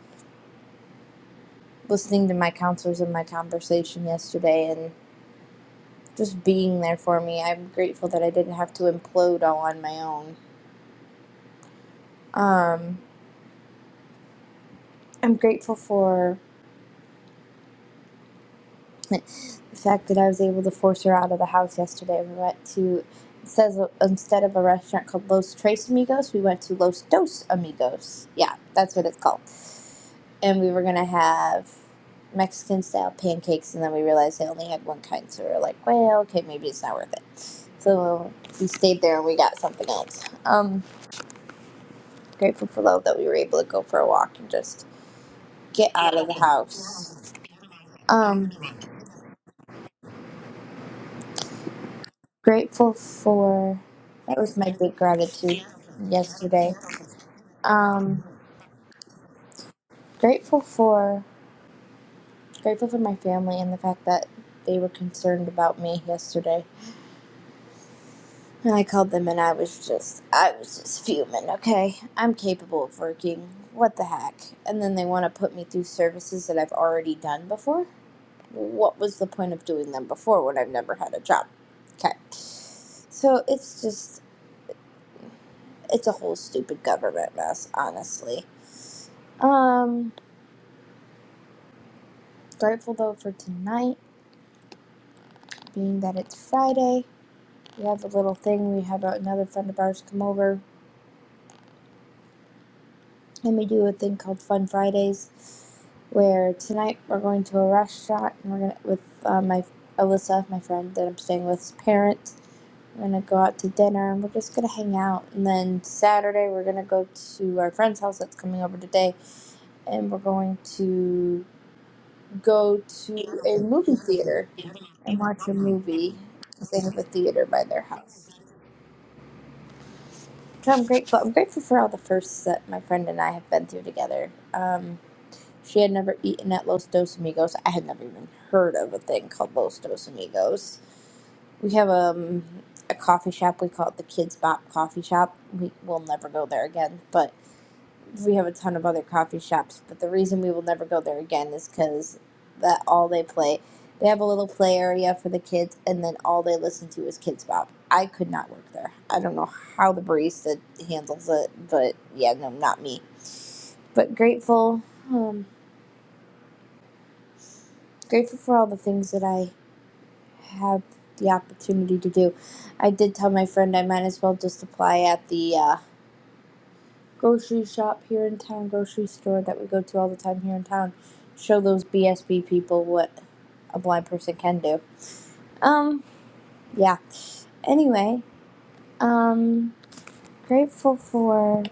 S7: listening to my counselors and my conversation yesterday and just being there for me. I'm grateful that I didn't have to implode all on my own. Um, I'm grateful for the fact that I was able to force her out of the house yesterday. We went to says instead of a restaurant called Los Tres Amigos, we went to Los Dos Amigos. Yeah, that's what it's called. And we were gonna have Mexican style pancakes, and then we realized they only had one kind, so we were like, well, okay, maybe it's not worth it. So we stayed there and we got something else. Um, grateful for love that we were able to go for a walk and just get out of the house. Um, Grateful for that was my big gratitude yesterday. Um, grateful for grateful for my family and the fact that they were concerned about me yesterday. And I called them and I was just I was just fuming. Okay, I'm capable of working. What the heck? And then they want to put me through services that I've already done before. What was the point of doing them before when I've never had a job? Okay. So it's just it's a whole stupid government mess, honestly. Um, grateful though for tonight, being that it's Friday. We have a little thing. We have another friend of ours come over, and we do a thing called Fun Fridays, where tonight we're going to a restaurant, and we're gonna with uh, my Alyssa, my friend that I'm staying with's parents. We're gonna go out to dinner, and we're just gonna hang out. And then Saturday we're gonna go to our friend's house that's coming over today, and we're going to go to a movie theater and watch a movie because they have a theater by their house. So I'm grateful. I'm grateful for all the firsts that my friend and I have been through together. Um, she had never eaten at Los Dos Amigos. I had never even heard of a thing called Los Dos Amigos. We have um, a coffee shop. We call it the Kids Bop Coffee Shop. We will never go there again, but we have a ton of other coffee shops, but the reason we will never go there again is because that all they play, they have a little play area for the kids, and then all they listen to is Kids Bop. I could not work there. I don't know how the barista handles it, but yeah, no, not me. But grateful, um, grateful for all the things that I have the opportunity to do. I did tell my friend I might as well just apply at the uh, grocery shop here in town, grocery store that we go to all the time here in town, show those BSB people what a blind person can do. Um, yeah. Anyway, um, grateful for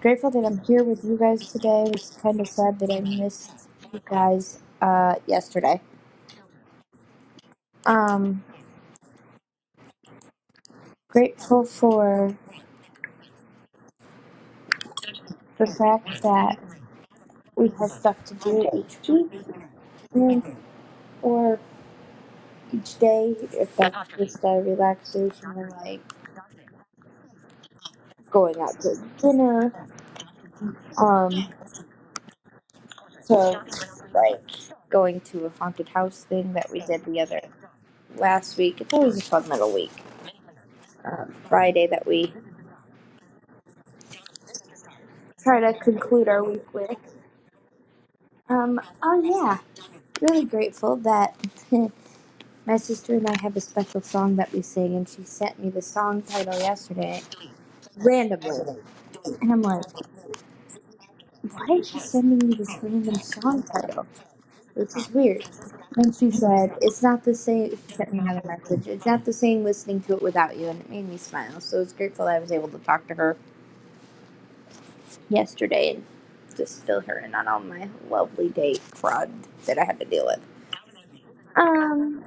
S7: grateful that I'm here with you guys today. It's kind of sad that I missed you guys uh yesterday. Um, grateful for the fact that we have stuff to do each week and- or each day if that's just a relaxation or like going out to dinner. Um, so like going to a haunted house thing that we did the other last week. It's always a fun little week. Um, Friday that we try to conclude our week with. Um, oh yeah, really grateful that my sister and I have a special song that we sing, and she sent me the song title yesterday randomly, and I'm like, why is she sending me this random song title? which is weird. Then she said, It's not the same. She sent me another message. It's not the same listening to it without you. And it made me smile. So I was grateful that I was able to talk to her yesterday and just fill her in on all my lovely date fraud that I had to deal with. Um,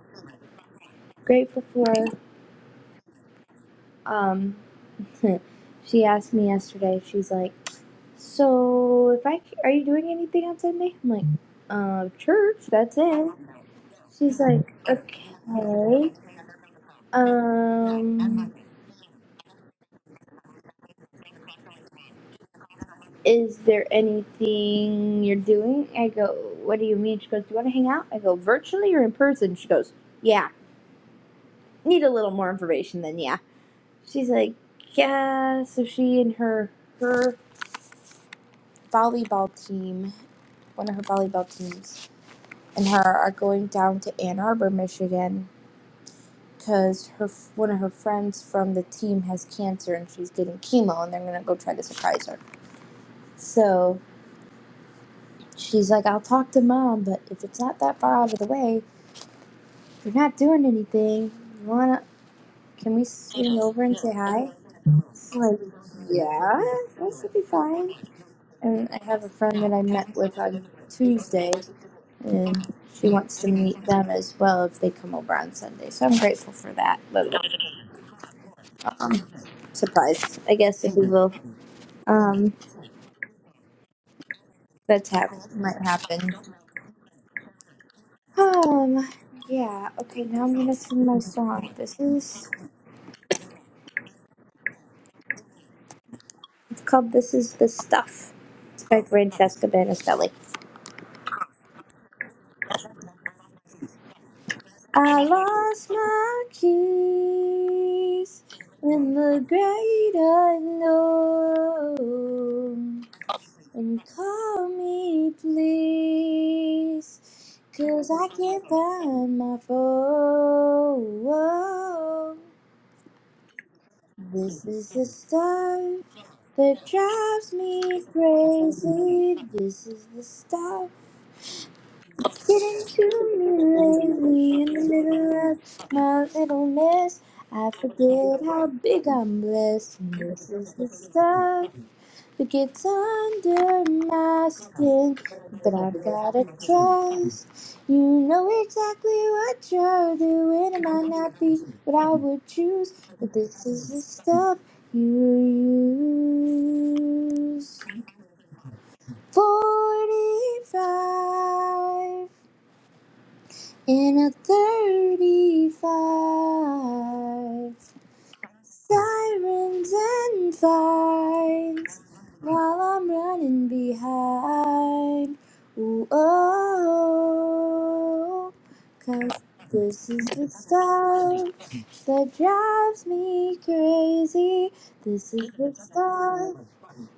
S7: grateful for. Um, she asked me yesterday. She's like, "So, if I c- are you doing anything on Sunday?" I'm like, "Uh, church. That's it." She's like, "Okay. Um, is there anything you're doing?" I go, "What do you mean?" She goes, "Do you want to hang out?" I go, "Virtually or in person?" She goes, "Yeah. Need a little more information than yeah." She's like, "Yeah." So she and her her volleyball team one of her volleyball teams, and her are going down to Ann Arbor, Michigan, because her one of her friends from the team has cancer and she's getting chemo, and they're gonna go try to surprise her. So she's like, "I'll talk to mom, but if it's not that far out of the way, you're not doing anything. You wanna? Can we swing over and say hi?" It's like, yeah, that should be fine. And I have a friend that I met with on Tuesday and she wants to meet them as well if they come over on Sunday. So I'm grateful for that little um, surprise, I guess, if we will. Um, that's hap- might happen. Um, yeah. Okay, now I'm gonna sing my song. This is it's called "This Is the Stuff." It's by Francesca Banistelli. I lost my keys in the great unknown. And call me, please, 'cause I can't find my phone. This is the stuff that drives me crazy. This is the stuff Getting to me lately in the middle of my little mess. I forget how big I'm blessed. And this is the stuff that gets under my skin. But I've gotta trust. You know exactly what you're doing. It might not be what I would choose. But this is the stuff you use. 45 in a 35. Sirens and vines while I'm running behind. Ooh, oh, cause this is the stuff that drives me crazy. This is the stuff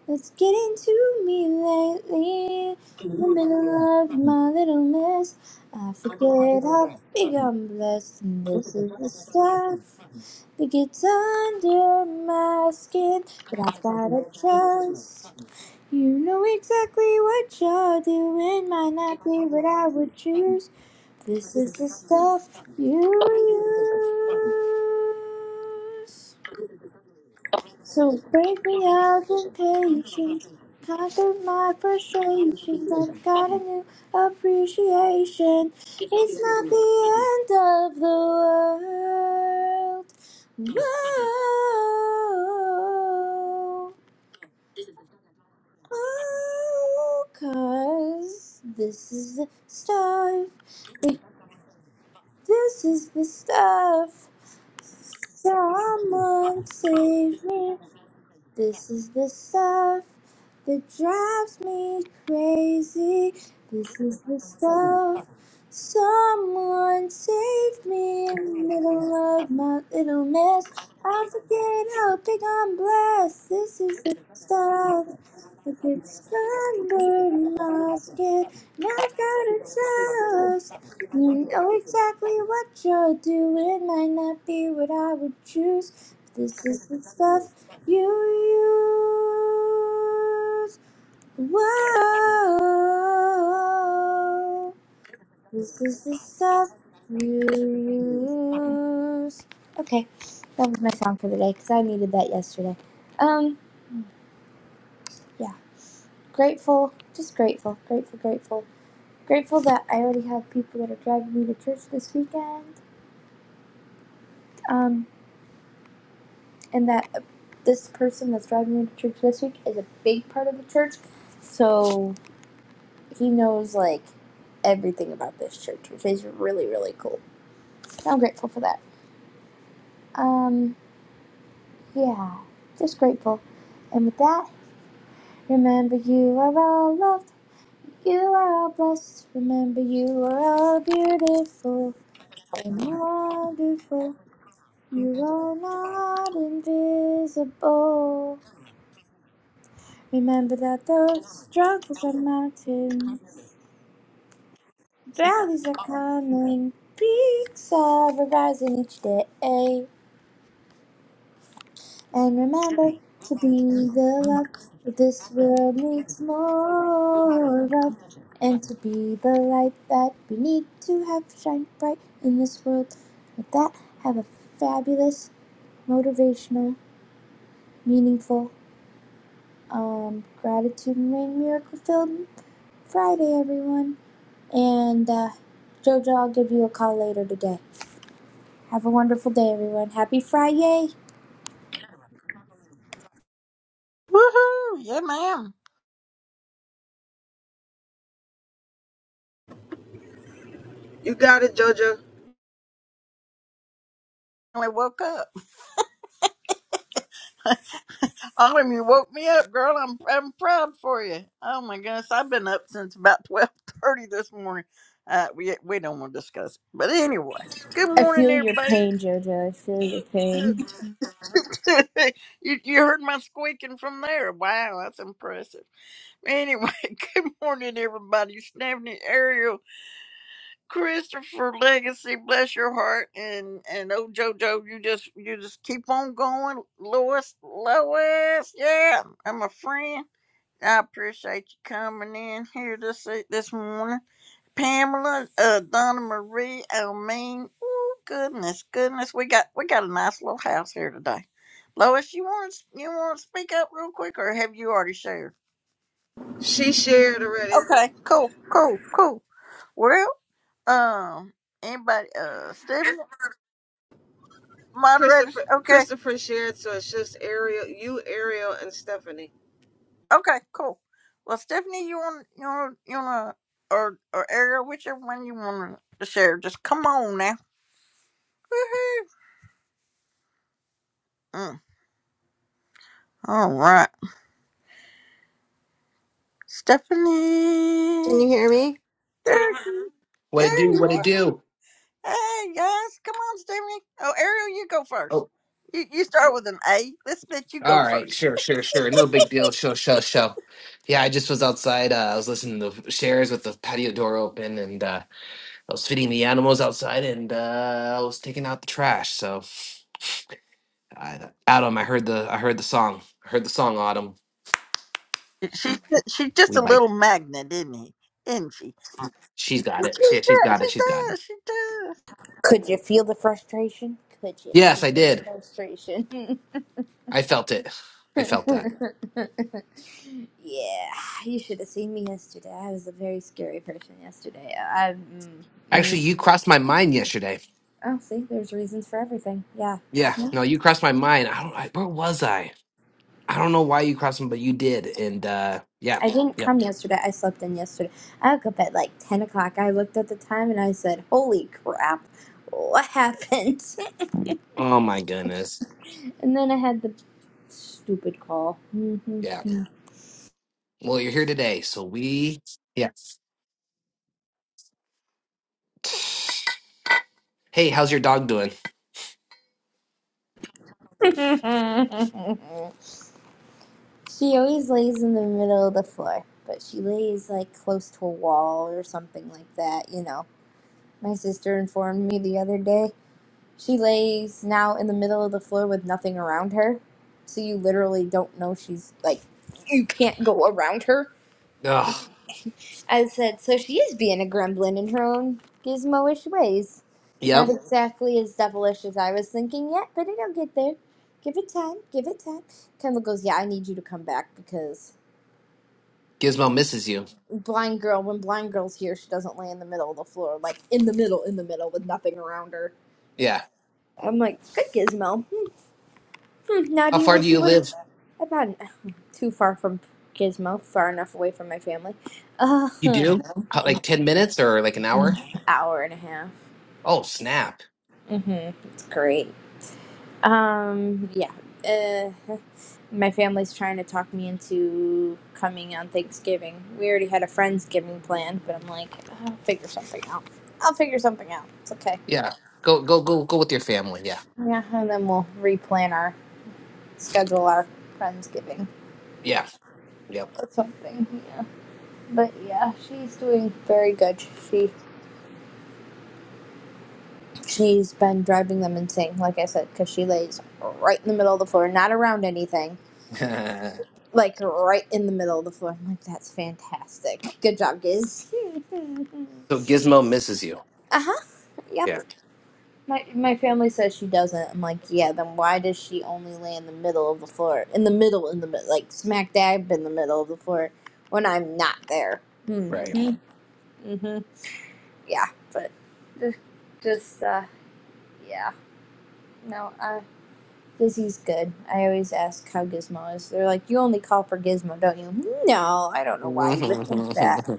S7: that's getting to me lately. In the middle of my little mess, I forget how big I'm blessed. And this is the stuff. It gets under my skin, but I've got a trust. You know exactly what you're doing. Might not be what I would choose. This is the stuff you use. So break me up in patience. Out of my frustrations, I've got a new appreciation. It's not the end of the world. Whoa, oh, cause this is the stuff. This is the stuff. Someone save me. This is the stuff that drives me crazy. This is the stuff. Someone save me in the middle of my little mess. I forget how big I'm blessed. This is the stuff that gets under my skin. My God, it's us. You know exactly what you're doing. Might not be what I would choose. This is the stuff you use. Whoa. This is the stuff you use. Okay, that was my song for the day because I needed that yesterday. Um, yeah, grateful, just grateful, grateful, grateful. Grateful that I already have people that are driving me to church this weekend, um, and that this person that's driving me to church this week is a big part of the church, so he knows like everything about this church, which is really really cool. So, I'm grateful for that. Um, yeah, just grateful. And with that, remember you are all loved. You are all blessed. Remember, you are all beautiful and wonderful. You are not invisible. Remember that those struggles are mountains, valleys are coming, peaks are rising each day. And remember to be the love this world needs more of. And to be the light that we need to have shine bright in this world. With that, have a fabulous, motivational, meaningful, um, gratitude and rain miracle filled Friday, everyone. And uh, Jojo, I'll give you a call later today. Have a wonderful day, everyone. Happy Friday!
S1: Woohoo! Yeah, ma'am.
S2: You got it, Jojo.
S1: I woke up. Autumn, you woke me up, girl. I'm I'm proud for you. Oh my goodness, I've been up since about twelve thirty this morning. Uh, we we don't want to discuss, it. but anyway, good
S7: I
S1: morning,
S7: feel your
S1: everybody.
S7: pain, Jojo. I feel your pain.
S1: you you heard my squeaking from there. Wow, that's impressive. Anyway, good morning, everybody. Stephanie, Ariel, Christopher, Legacy, bless your heart, and and oh JoJo, you just you just keep on going, Lois, Lois, yeah, I'm a friend. I appreciate you coming in here this e- this morning. Pamela, uh, Donna Marie, Elmine. Oh goodness, goodness, we got we got a nice little house here today. Lois, you want you want to speak up real quick, or have you already shared?
S2: She shared already.
S1: Okay, cool, cool, cool. Well, um, anybody, uh, Stephanie, moderators.
S2: Christopher
S1: Okay,
S2: Christopher shared, so it's just Ariel, you, Ariel, and Stephanie.
S1: okay, cool. Well, Stephanie, you want you want you want or or Ariel, whichever one you want to share, just come on now. Woohoo! Mm. All right.
S8: Can you
S1: Stephanie.
S8: hear me?
S1: There, you-
S9: What it
S1: there
S9: do?
S1: you
S9: What it
S1: are.
S9: do?
S1: Hey, guys. Come on, Stephanie. Oh, Ariel, you go first.
S9: Oh,
S1: You, you start with an A. Let's let you go
S9: all right.
S1: first.
S9: Sure, sure, sure. No big deal. Sure, sure, sure. Yeah, I just was outside. Uh, I was listening to shares with the patio door open, and uh, I was feeding the animals outside, and uh, I was taking out the trash. So, I, Autumn, I heard the I heard the song. I heard the song. Autumn,
S1: She, she's just
S9: we
S1: a
S9: like.
S1: little magnet, isn't he? Isn't she?
S9: She's got
S1: She
S9: it. She, she's
S1: does.
S9: got it.
S1: She
S9: She's got
S1: does.
S9: it.
S1: She does.
S7: Could you feel the frustration? Could you
S9: Yes,
S7: feel
S9: I
S7: the
S9: did.
S7: frustration?
S9: I felt it. I felt that.
S7: yeah, you should have seen me yesterday. I was a very scary person yesterday. I, mm,
S9: Actually,
S7: mm.
S9: you crossed my mind yesterday.
S7: Oh, see, there's reasons for everything. Yeah.
S9: Yeah.
S7: mhm.
S9: No, you crossed my mind. I don't. I, where was I? I don't know why you crossed them, but you did. And uh yeah,
S7: I didn't
S9: yeah.
S7: come yesterday. I slept in yesterday. I woke up at like 10 o'clock. I looked at the time and I said, Holy crap, what happened?
S9: Oh my goodness.
S7: and then I had the stupid call.
S9: Yeah. Well, you're here today, so we yeah. Hey, how's your dog doing?
S7: She always lays in the middle of the floor, but she lays like close to a wall or something like that, you know. My sister informed me the other day. She lays now in the middle of the floor with nothing around her. So you literally don't know she's like, you can't go around her.
S9: Oh,
S7: I said, so she is being a gremlin in her own gizmo ish ways. Not
S9: yep.
S7: exactly as devilish as I was thinking yet, but it'll get there. Give it time, give it time. Kendall goes, yeah, I need you to come back because
S9: Gizmo misses you.
S7: blind girl when blind girl's here she doesn't lay in the middle of the floor like in the middle in the middle with nothing around her
S9: Yeah.
S7: i'm like good gizmo Hmm, now do
S9: How
S7: you
S9: far do
S7: wish
S9: you
S7: you would have
S9: live?
S7: about too far from gizmo far enough away from my family uh,
S9: You do? How, like ten minutes or like an hour?
S7: hour and a half
S9: Oh, snap.
S7: mm-hmm it's great um yeah uh, my family's trying to talk me into coming on thanksgiving we already had a friendsgiving plan but i'm like i'll figure something out i'll figure something out it's okay
S9: Yeah. Go go go go with your family. Yeah.
S7: Yeah, and then we'll replan our schedule our Friendsgiving
S9: Yeah. Yep.
S7: or something. Yeah. But yeah, she's doing very good. She she's been driving them insane, like I said, because she lays right in the middle of the floor, not around anything, like right in the middle of the floor. I'm like, that's fantastic. Good job, Giz.
S9: so Gizmo misses you.
S7: uh huh. Yep.
S9: Yeah.
S7: My my family says she doesn't. I'm like, yeah. Then why does she only lay in the middle of the floor? In the middle, in the mi- like smack dab in the middle of the floor when I'm not there. Hmm.
S9: Right.
S7: Mm-hmm. Yeah, but just just uh, yeah. No, uh, Gizzy's good. I always ask how Gizmo is. They're like, you only call for Gizmo, don't you? No, I don't know why you would think that.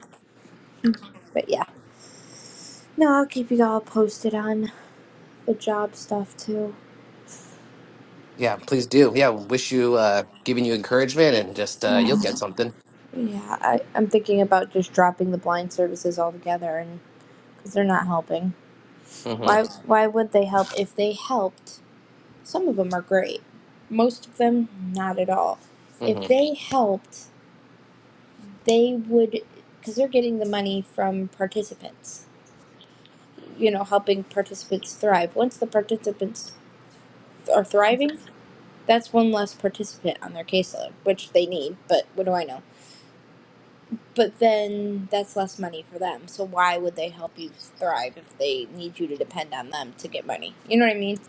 S7: But yeah, no, I'll keep you all posted on the job stuff too.
S9: yeah, please do. Yeah, wish you uh giving you encouragement and just uh you'll get something.
S7: Yeah, I, I'm thinking about just dropping the blind services altogether, and because they're not helping. Why?
S9: Mm-hmm.
S7: Why would they help if they helped? Some of them are great, most of them not at all. If
S9: Mm-hmm.
S7: they helped, they would, because they're getting the money from participants. You know, helping participants thrive. Once the participants are thriving, that's one less participant on their caseload, which they need. But what do I know? but then that's less money for them. So why would they help you thrive if they need you to depend on them to get money? You know what I mean?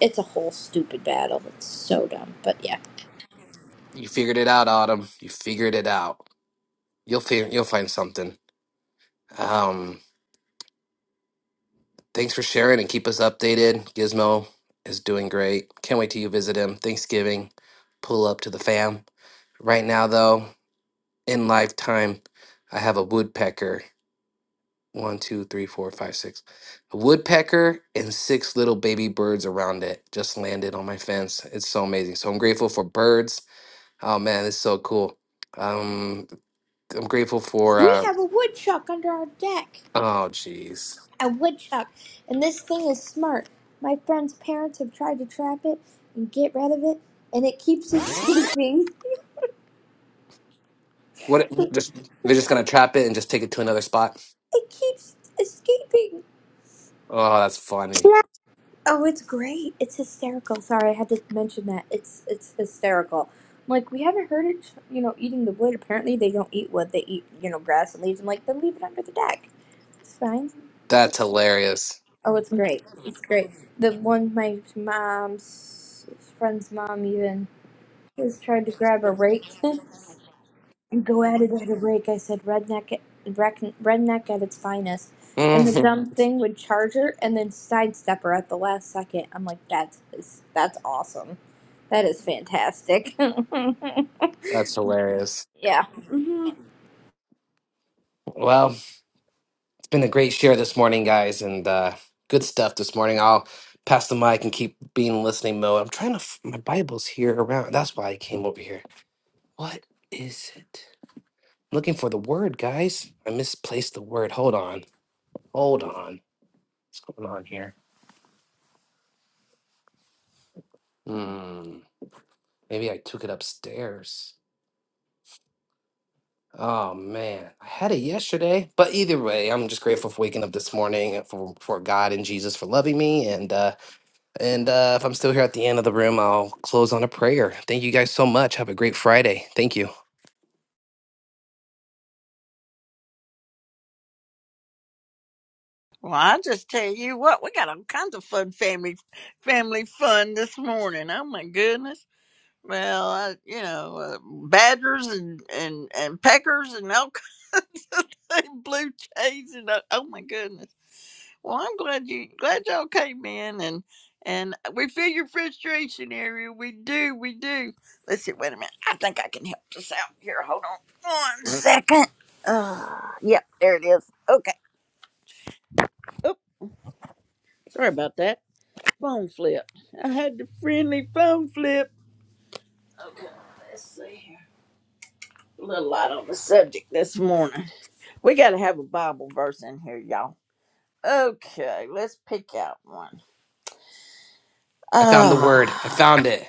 S7: It's a whole stupid battle. It's so dumb. But yeah.
S9: You figured it out, Autumn. You figured it out. You'll figure. You'll find something. Um. Thanks for sharing and keep us updated. Gizmo is doing great. Can't wait till you visit him. Thanksgiving, pull up to the fam. Right now, though, in lifetime, I have a woodpecker. One, two, three, four, five, six. A woodpecker and six little baby birds around it just landed on my fence. It's so amazing. So I'm grateful for birds. Oh man, this is so cool. Um, I'm grateful for.
S7: We
S9: Uh,
S7: have a woodchuck under our deck.
S9: oh, jeez.
S7: A woodchuck. And this thing is smart. My friend's parents have tried to trap it and get rid of it, and it keeps escaping.
S9: What?
S7: it
S9: Just they're just gonna trap it and just take it to another spot.
S7: keeps escaping.
S9: Oh, that's funny.
S7: Oh, it's great. It's hysterical. Sorry, I had to mention that. It's it's hysterical. I'm like, we haven't heard it, you know, eating the wood. Apparently, they don't eat wood. They eat, you know, grass and leaves. I'm like, then leave it under the deck. It's fine.
S9: That's hilarious.
S7: Oh, it's great. It's great. The one my mom's friend's mom even has tried to grab a rake. Go at it at a break, I said, redneck, reckon- redneck at its finest. And the
S9: Mhm.
S7: dumb thing would charge her and then sidestep her at the last second. I'm like, that's that's awesome. That is fantastic.
S9: that's hilarious.
S7: yeah. hmm
S9: Well, it's been a great share this morning, guys, and uh, good stuff this morning. I'll pass the mic and keep being in listening mode. I'm trying to. F- my Bible's here around. That's why I came over here. What is it? I'm looking for the word, guys. I misplaced the word. Hold on. Hold on. What's going on here? Hmm. Maybe I took it upstairs. Oh man, I had it yesterday. But either way, I'm just grateful for waking up this morning and for for God and Jesus for loving me. And uh, and uh, if I'm still here at the end of the room, I'll close on a prayer. Thank you guys so much. Have a great Friday. Thank you.
S1: Well, I just tell you what, we got all kinds of fun family family fun this morning. Oh my goodness. Well, I, you know, uh, badgers and, and, and peckers and all kinds of thing, blue jays and uh, oh my goodness. Well, I'm glad you glad y'all came in and and we feel your frustration, Ariel. We do, we do. Let's see. Wait a minute. I think I can help this out here. Hold on one second. Uh, yep, there it is. Okay. Oh, sorry about that. Phone flip. I had the friendly phone flip. Okay. Let's see. here. a little light on the subject this morning. We got to have a Bible verse in here, y'all. Okay, let's pick out one.
S9: I found the word. I
S1: Ah.
S9: found it.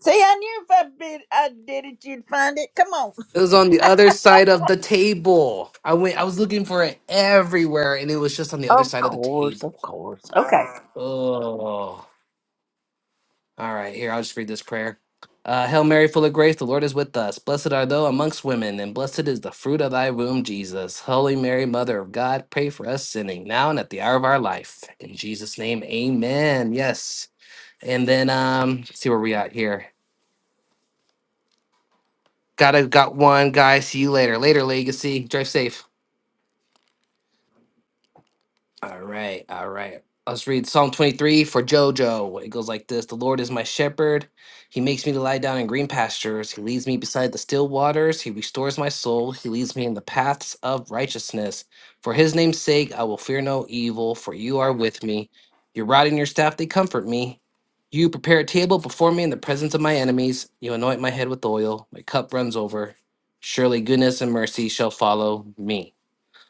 S1: See, I knew if I did, I did it, you'd find it. Come on.
S9: It was on the other side of the table. I went. I was looking for it everywhere, and it was just on the other
S1: Of
S9: side of the
S1: course, of
S9: table.
S1: course. Okay,
S9: Oh. All right, here, I'll just read this prayer. Uh, Hail Mary, full of grace, the Lord is with us. Blessed are thou amongst women, and blessed is the fruit of thy womb, Jesus. Holy Mary, Mother of God, pray for us sinning now and at the hour of our life. In Jesus' name, amen. Yes. And then, um, let's see where we at here. Gotta got one guy. See you later. Later, legacy. Drive safe. All right, all right. Let's read Psalm 23 for JoJo. It goes like this The Lord is my shepherd. He makes me to lie down in green pastures. He leads me beside the still waters. He restores my soul. He leads me in the paths of righteousness. For his name's sake, I will fear no evil, for you are with me. Your rod and your staff, they comfort me. You prepare a table before me in the presence of my enemies. You anoint my head with oil. My cup runs over. Surely goodness and mercy shall follow me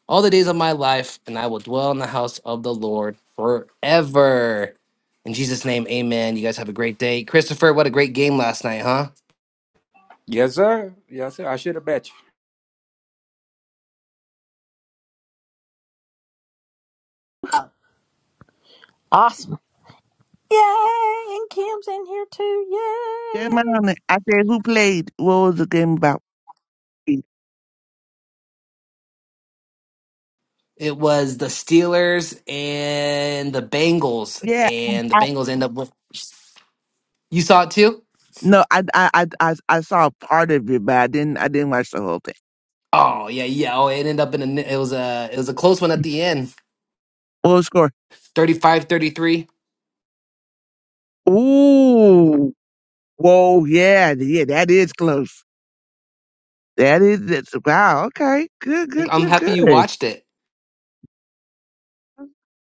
S9: all the days of my life, and I will dwell in the house of the Lord forever. In Jesus' name, amen. You guys have a great day. Christopher, what a great game last night, huh?
S3: Yes, sir. Yes, sir. I should have bet
S1: awesome. Yay! And Kim's in here too.
S10: Game
S1: Yay!
S10: on it. I said, who played? What was the game about?
S9: It was the Steelers and the Bengals,
S10: Yeah, I,
S9: and the
S10: I,
S9: Bengals end up with. You saw it too?
S10: no, I, I, I, I I saw part of it, but I didn't, I didn't watch the whole thing.
S9: Oh, yeah, yeah. Oh, it ended up in a, it was a, it was a close one at the end,
S10: What was the score?
S9: Thirty-five, thirty-three.
S10: Ooh, whoa, yeah, yeah, that is close. That is, that's, wow, okay, good, good,
S9: I'm
S10: good,
S9: happy you
S10: good.
S9: watched it.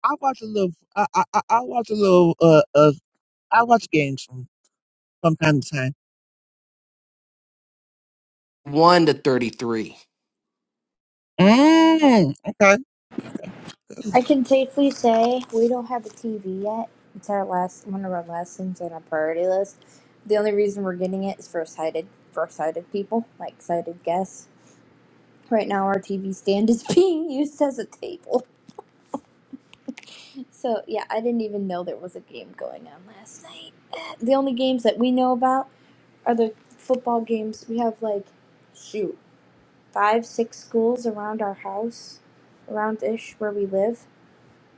S10: I watch a little, I, I, I I watch a little, uh, uh, I watch games from, from time to time.
S9: 1 to 33.
S10: Mm, okay.
S7: I can safely say we don't have a TV yet. It's our last one of our last things on our priority list. The only reason we're getting it is for sighted for sighted people, like sighted guests. Right now, our TV stand is being used as a table. So yeah, I didn't even know there was a game going on last night. The only games that we know about are the football games. We have like, shoot, five, six schools around our house, around ish where we live,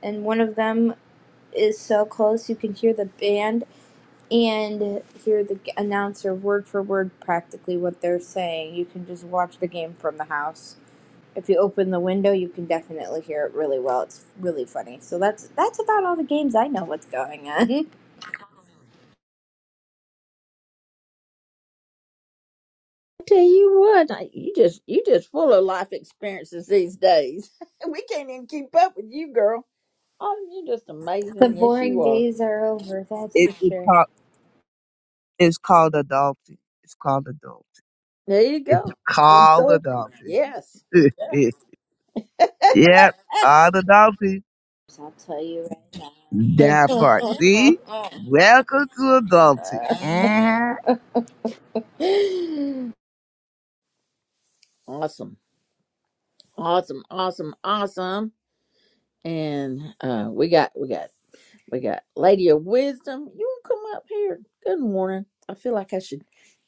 S7: and one of them is so close you can hear the band and hear the announcer word for word practically what they're saying. You can just watch the game from the house if you open the window, you can definitely hear it really well. It's really funny. So that's that's about all the games I know what's going on.
S1: I tell you what, I, you just you just full of life experiences these days. we can't even keep up with you, girl. Oh, you're just
S7: the
S1: amazing. Yes,
S7: boring
S1: you are.
S7: days are over, that's
S10: It,
S7: for
S10: it's
S7: sure.
S10: called, it's called adulting. It's called adult.
S1: There you
S10: It's
S1: go.
S10: called
S1: Adulting.
S10: adulting.
S1: Yes. Yes.
S10: yep, all adultery.
S7: So I'll tell you right
S10: That part. See? Welcome to adultery. hmm
S7: now.
S1: Awesome. Awesome. Awesome. Awesome. And uh we got we got We got Lady of Wisdom. You can come up here. Good morning. I feel like I should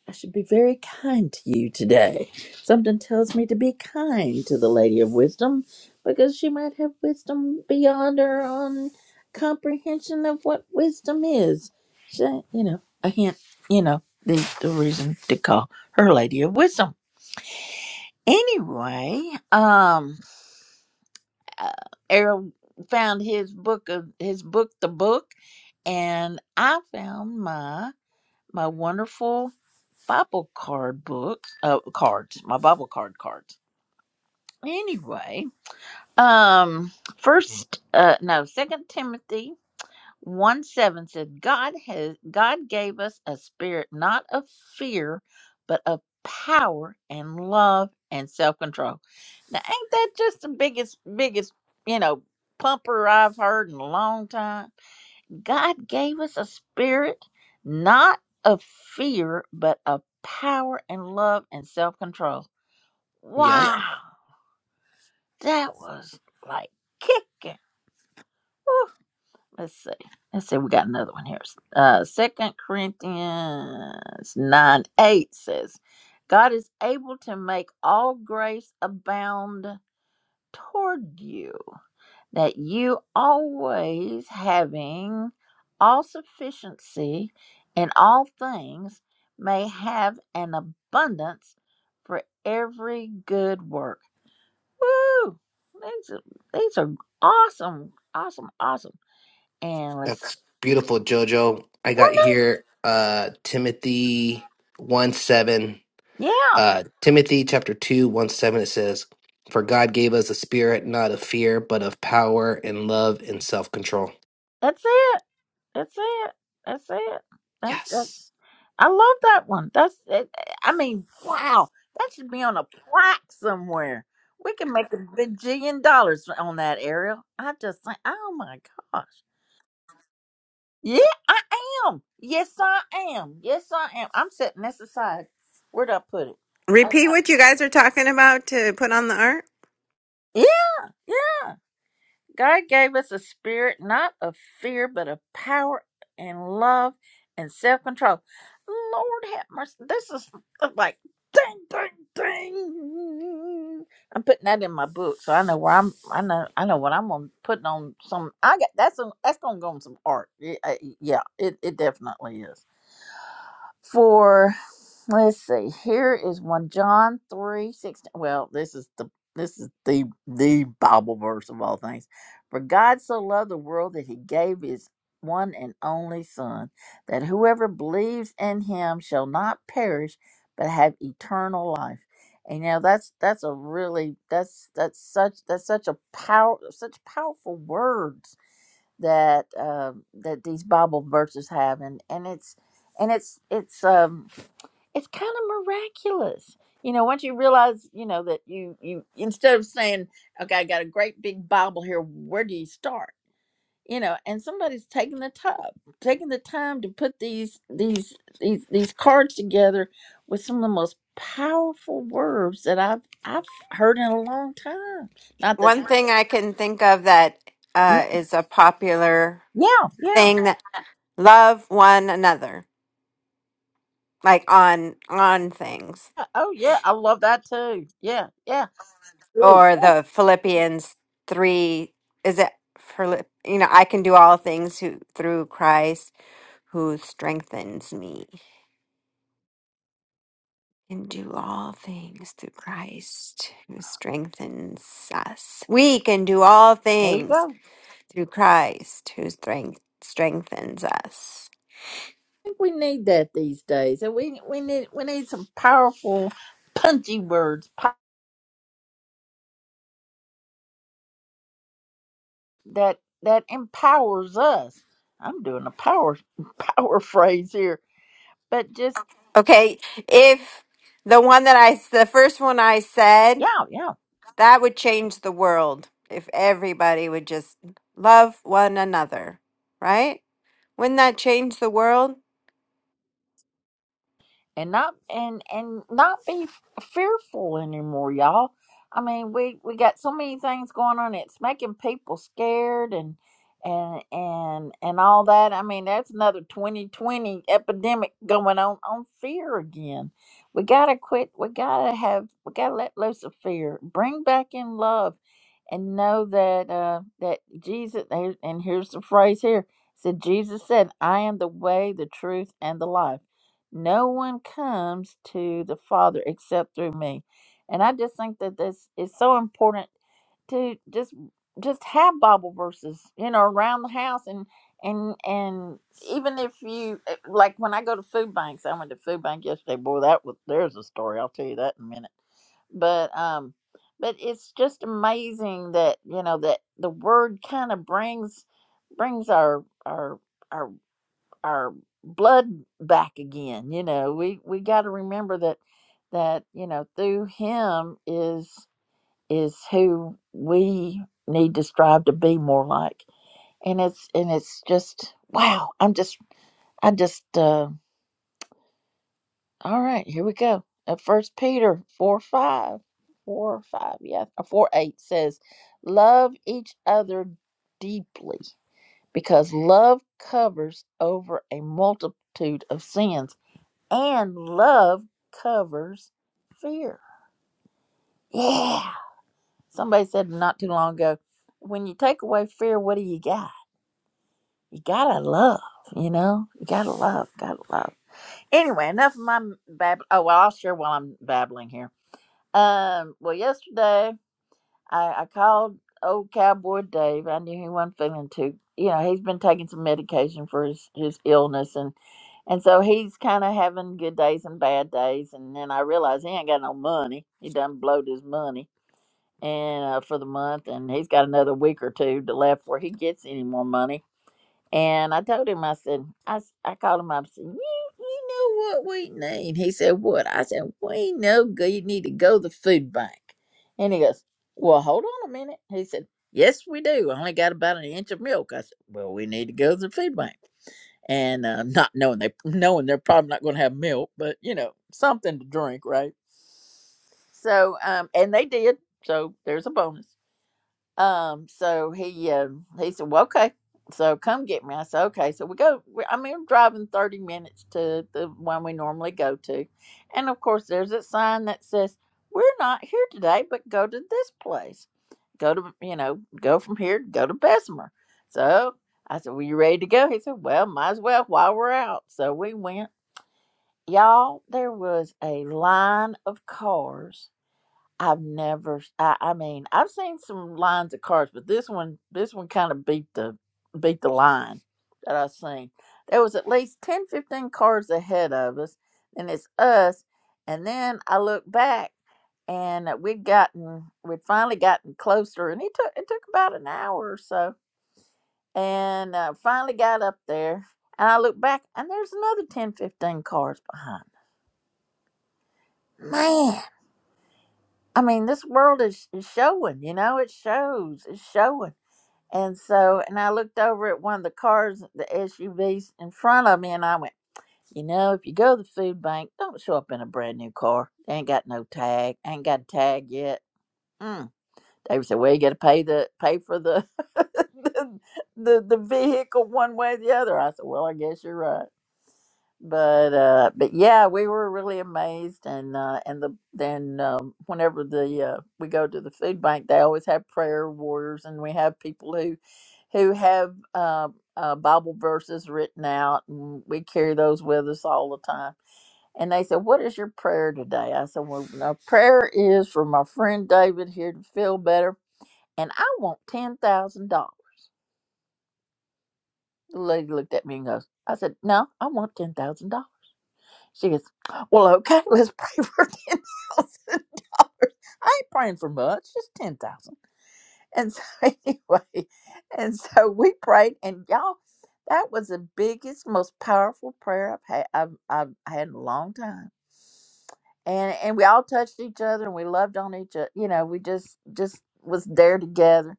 S1: I should be very kind to you today. Something tells me to be kind to the Lady of Wisdom because she might have wisdom beyond her own comprehension of what wisdom is. She, you know, a hint, you know, the, the reason to call her Lady of Wisdom. Anyway, um, uh, Errol found his book of his book, the book and I found my my wonderful Bible card book, uh, cards, my Bible card cards. Anyway, um, first, uh, no, Second Timothy one seven said God has God gave us a spirit not of fear, but of power and love and self control. Now, ain't that just the biggest biggest you know pumper I've heard in a long time? God gave us a spirit not of fear, but of power and love and self control.
S9: Yeah.
S1: Wow, that was like kicking. Whew. Let's see. Let's see. We got another one here. Uh, Second Corinthians nine eight says, "God is able to make all grace abound toward you." that you always having all sufficiency in all things may have an abundance for every good work. Woo! These are, these are awesome, awesome, awesome. And let's,
S9: That's beautiful, Jojo. I got here uh Timothy 1 7.
S1: yeah,
S9: Uh Timothy chapter two one seven. it says, For God gave us a spirit not of fear, but of power and love and self control.
S1: that's it. That's it. That's it. That's
S9: Yes.
S1: I love that one. That's, it, I mean, wow, that should be on a plaque somewhere. We can make a bajillion dollars on that, Ariel. I just think, oh my gosh. Yeah, I am. Yes, I am. Yes, I am. I'm setting this aside. Where'd I put it? I,
S8: Repeat
S1: I-
S8: what you guys are talking about to put on the art.
S1: yeah, yeah. God gave us a spirit not of fear, but of power and love and self control. Lord have mercy. This is uh, like ding, ding, ding. I'm putting that in my book, so I know where I'm. I know. I know what I'm gonna put on some. I got that's on. That's gonna go on some art. Yeah, yeah it, it definitely is for let's see here is one john 3 16. well this is the this is the the bible verse of all things for god so loved the world that he gave his one and only son that whoever believes in him shall not perish but have eternal life and you know that's that's a really that's that's such that's such a power such powerful words that um, that these Bible verses have, and and it's and it's it's um it's kind of miraculous. You know, once you realize, you know, that you you instead of saying, "Okay, I got a great big Bible here," where do you start? You know, and somebody's taking the time, taking the time to put these these these these cards together with some of the most powerful words that I've I've heard in a long time. Not that,
S8: One thing I can think of that
S1: yeah,
S8: uh, is a popular
S1: yeah,
S8: thing that love one another, like on on things,
S1: Oh yeah, I love that too. Yeah, yeah. Ooh,
S8: or
S1: yeah.
S8: the Philippians three. Is it Philip? You know, I can do all things who, through Christ who strengthens me. Can do all things through Christ who strengthens us. We can do all
S1: There you
S8: things
S1: go. I
S8: through Christ who strength, strengthens us.
S1: think we need that these days, and we we need we need some powerful, punchy words po- that that empowers us. I'm doing a power power phrase here, but just
S8: Okay, if the one that I, the first one I said,
S1: yeah, yeah.
S8: that would change the world if everybody would just love one another, right? Wouldn't that change the world?
S1: and not and and not be fearful anymore y'all i mean we we got so many things going on it's making people scared and and and and all that i mean that's another 2020 epidemic going on on fear again we gotta quit we gotta have we gotta let loose of fear bring back in love and know that uh that jesus and here's the phrase here said jesus said i am the way the truth and the life no one comes to the Father except through me. And I just think that this is so important to just just have Bible verses, you know, around the house and and and even if you eh, like when I go to food banks, I went to food bank yesterday. Boy, that was there's a story. I'll tell you that in a minute. But um but it's just amazing that, you know, that the word kind of brings brings our our our our blood back again you know we we got to remember that that you know through him is is who we need to strive to be more like and it's and it's just wow i'm just i just uh all right here we go uh, first peter 4 5 4 5 yeah uh, 4 8 says love each other deeply because love covers over a multitude of sins and love covers fear. Yeah. Somebody said not too long ago, when you take away fear, what do you got? You gotta love, you know? You gotta love, gotta love. Anyway, enough of my babbling. Oh, well, I'll share while I'm babbling here. Um, well, yesterday I, I called old cowboy Dave. I knew he wasn't feeling too. You know, he's been taking some medication for his, his illness, and and so he's kind of having good days and bad days. And then I realized he ain't got no money. He done blowed his money and uh, for the month, and he's got another week or two to left where he gets any more money. And I told him, I said, I, s- I called him up and said, you, you know what we need? He said, What? I said, We know go- you need to go to the food bank. And he goes, Well, hold on a minute. He said, Yes, we do. I only got about an inch of milk. I said, Well, we need to go to the food bank. And uh, not knowing they knowing they're probably not going to have milk, but you know something to drink, right? So, um, and they did. So there's a bonus. Um, so he uh, he said, "Well, okay, so come get me." I said, "Okay." So we go. We, I mean, I'm driving thirty minutes to the one we normally go to, and of course, there's a sign that says, "We're not here today, but go to this place. Go to you know, go from here, go to Bessemer." So I said, "Well, you ready to go?" He said, "Well, might as well while we're out." So we went. Y'all, there was a line of cars I've never. I, I mean, I've seen some lines of cars, but this one, this one kind of beat the beat the line that I seen. There was at least 10, 15 cars ahead of us, and it's us. And then I look back, and uh, we'd gotten, we'd finally gotten closer, and it took it took about an hour or so, and uh, finally got up there, and I look back, and there's another 10, 15 cars behind. Man. I mean, this world is, is showing, you know, it shows, it's showing. And so, and I looked over at one of the cars, the SUVs in front of me, and I went, you know, if you go to the food bank, don't show up in a brand new car. They ain't got no tag, ain't got a tag yet. Mm. David said, well, you got to pay the pay for the, the the the vehicle one way or the other. I said, well, I guess you're right but uh but yeah we were really amazed and uh and the then um whenever the uh we go to the food bank they always have prayer warriors and we have people who who have uh, uh bible verses written out and we carry those with us all the time and they said what is your prayer today i said well my prayer is for my friend david here to feel better and i want ten thousand dollars the lady looked at me and goes i said no i want $10000 She goes, Well, okay, let's pray for ten thousand dollars. I ain't praying for much, just ten thousand. And so anyway, and so we prayed, and y'all, that was the biggest, most powerful prayer I've had I've, I've had in a long time. And and we all touched each other, and we loved on each other. You know, we just just was there together.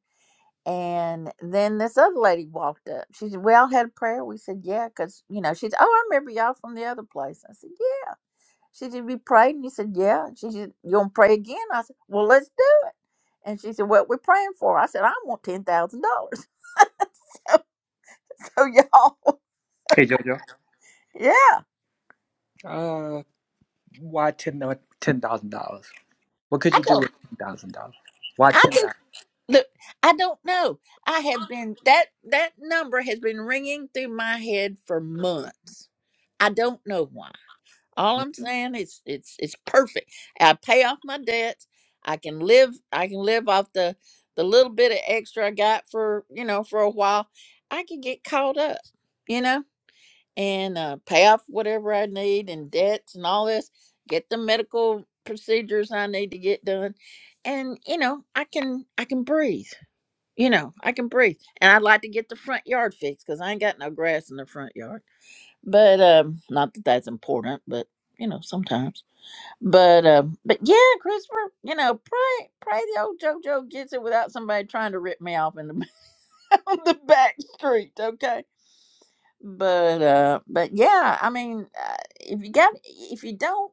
S1: And then this other lady walked up. She said, "We all had a prayer." We said, "Yeah," because you know she's. Oh, I remember y'all from the other place. I said, "Yeah." She said, "We prayed," and he said, "Yeah." And she said, "You gonna pray again?" I said, "Well, let's do it." And she said, "What we're praying for?" I said, "I want ten thousand dollars." So y'all,
S3: Hey, Jojo.
S1: yeah,
S3: you. Uh, why ten uh, ten thousand dollars? What could
S1: I
S3: you do
S1: don't,
S3: with ten thousand dollars? Why
S1: I
S3: ten
S1: do.
S3: thousand?
S1: Look, I don't know. I have been that that number has been ringing through my head for months. I don't know why. All I'm saying is it's it's perfect. I pay off my debts. I can live I can live off the the little bit of extra I got for, you know, for a while. I can get caught up, you know, and uh, pay off whatever I need and debts and all this, get the medical procedures I need to get done. And, you know, I can I can breathe. You know, I can breathe. And I'd like to get the front yard fixed because I ain't got no grass in the front yard but um not that that's important but you know sometimes but um but yeah christopher you know pray pray the old jojo gets it without somebody trying to rip me off in the on the back street okay but uh but yeah i mean uh, if you got if you don't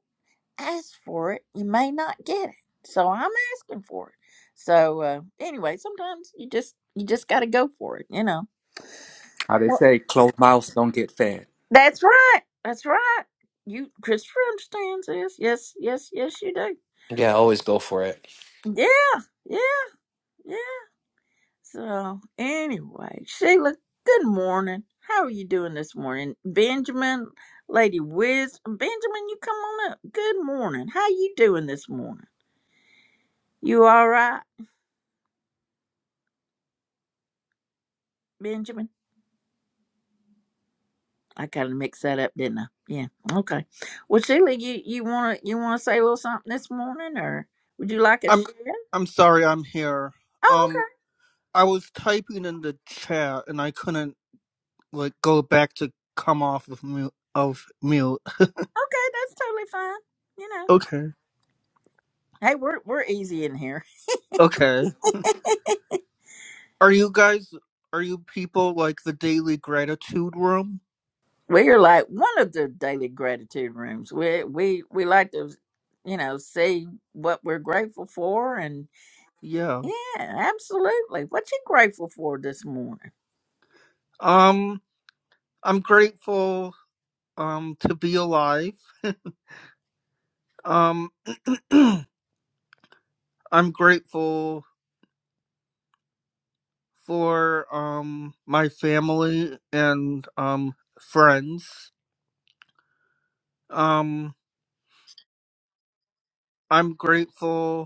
S1: ask for it you may not get it so i'm asking for it so uh anyway sometimes you just you just got to go for it you know
S3: How they
S1: Well,
S3: say, closed mouths don't get fed.
S1: That's right. That's right. You, Christopher understands this. Yes, yes, yes, you do.
S9: Yeah, always go for it.
S1: Yeah, yeah, yeah. So, anyway, Sheila, good morning. How are you doing this morning? Benjamin, Lady Wiz, Benjamin, you come on up. Good morning. How you doing this morning? You all right, Benjamin? I kind of mixed that up, didn't I? Yeah. Okay. Well, Sheila, you you wanna you wanna say a little something this morning, or would you like a
S11: I'm
S1: share?
S11: I'm sorry I'm here.
S1: Oh, okay.
S11: Um I was typing in the chat and I couldn't like go back to come off of mute of mute.
S1: Okay, that's totally fine. You know,
S11: Okay.
S1: hey, we're we're easy in here.
S11: Okay. Are you guys are you people like the daily gratitude room?
S1: We are like one of the daily gratitude rooms. We we we like to, you know, see what we're grateful for, and
S11: Yeah.
S1: yeah, absolutely. What you grateful for this morning?
S11: Um I'm grateful um to be alive. Um I'm grateful for um my family and um friends. Um I'm grateful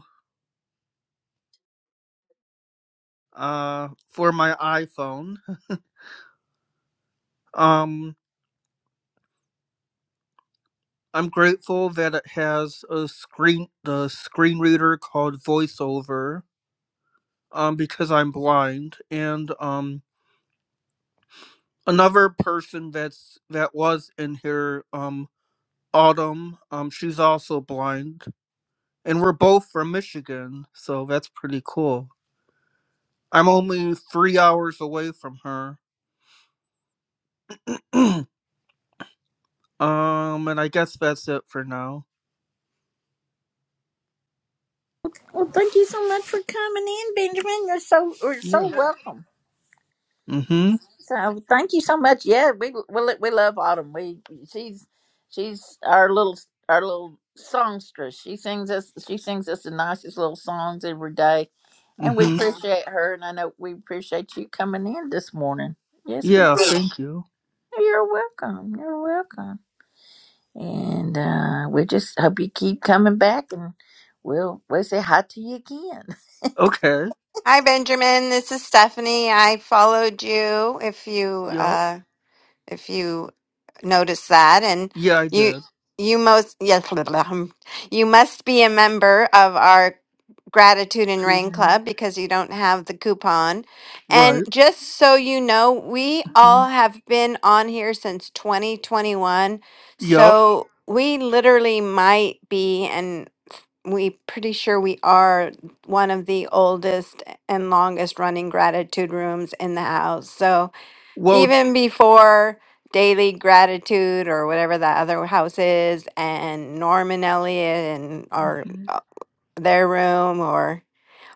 S11: uh, for my iPhone. Um, I'm grateful that it has a screen the screen reader called VoiceOver um, because I'm blind. And um, another person that's that was in here, um, Autumn, um, she's also blind, and we're both from Michigan, so that's pretty cool. I'm only three hours away from her. um, and I guess that's it for now.
S1: Well, thank you so much for coming in, Benjamin. You're so you're so
S11: Yeah.
S1: welcome.
S11: Mm-hmm.
S1: So thank you so much. Yeah, we we lo- we love Autumn. We she's she's our little our little songstress. She sings us she sings us the nicest little songs every day, and we Mhm.
S11: Mm-hmm.
S1: appreciate her. And I know we appreciate you coming in this morning. Yes, we.
S11: Yeah,
S1: do.
S11: thank you.
S1: You're welcome. You're welcome. And uh, we just hope you keep coming back, and we'll we'll say hi to you again.
S11: Okay.
S8: Hi, Benjamin. This is Stephanie. I followed you. If you
S11: Yup.
S8: uh, if you noticed that, and
S11: Yeah, I
S8: you
S11: did.
S8: you most yes, blah, blah, blah. you must be a member of our gratitude and rain
S11: Toodaloo.
S8: club because you don't have the coupon. And
S11: Right.
S8: just so you know, we
S11: hmm
S8: all have been on here since 2021,
S11: Yup.
S8: so we literally might be. and we pretty sure we are one of the oldest and longest running gratitude rooms in the house. So
S11: Well.
S8: even before Daily Gratitude or whatever that other house is, and Norm and Elliot and or
S11: mhm.
S8: uh, their room or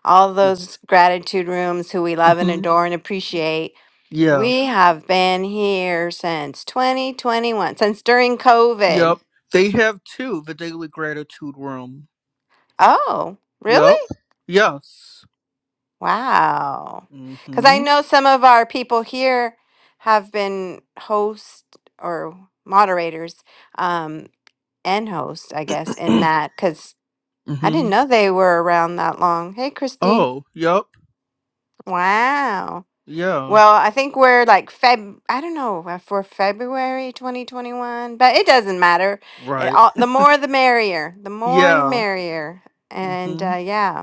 S8: all
S11: Yeah.
S8: those gratitude rooms who we love and
S11: hmm
S8: adore and appreciate.
S11: Yeah.
S8: We have been here since 2021, since during COVID.
S11: Yup. They have two. The Daily Gratitude Room.
S8: Oh, really?
S11: Yup. Yes.
S8: Wow. Because I
S11: Mm-hmm.
S8: know some of our people here have been host or moderators um, and host, I guess, in that because I
S11: mm-hmm.
S8: didn't know they were around that long. Hey, Christine.
S11: Oh. Yup.
S8: Wow.
S11: Yeah.
S8: Well, I think we're like Feb, I don't know, uh, for February 2021, but it doesn't matter. It
S11: Right.
S8: all, the more the merrier, the more the
S11: Yeah.
S8: merrier. And
S11: Mm-hmm.
S8: uh, yeah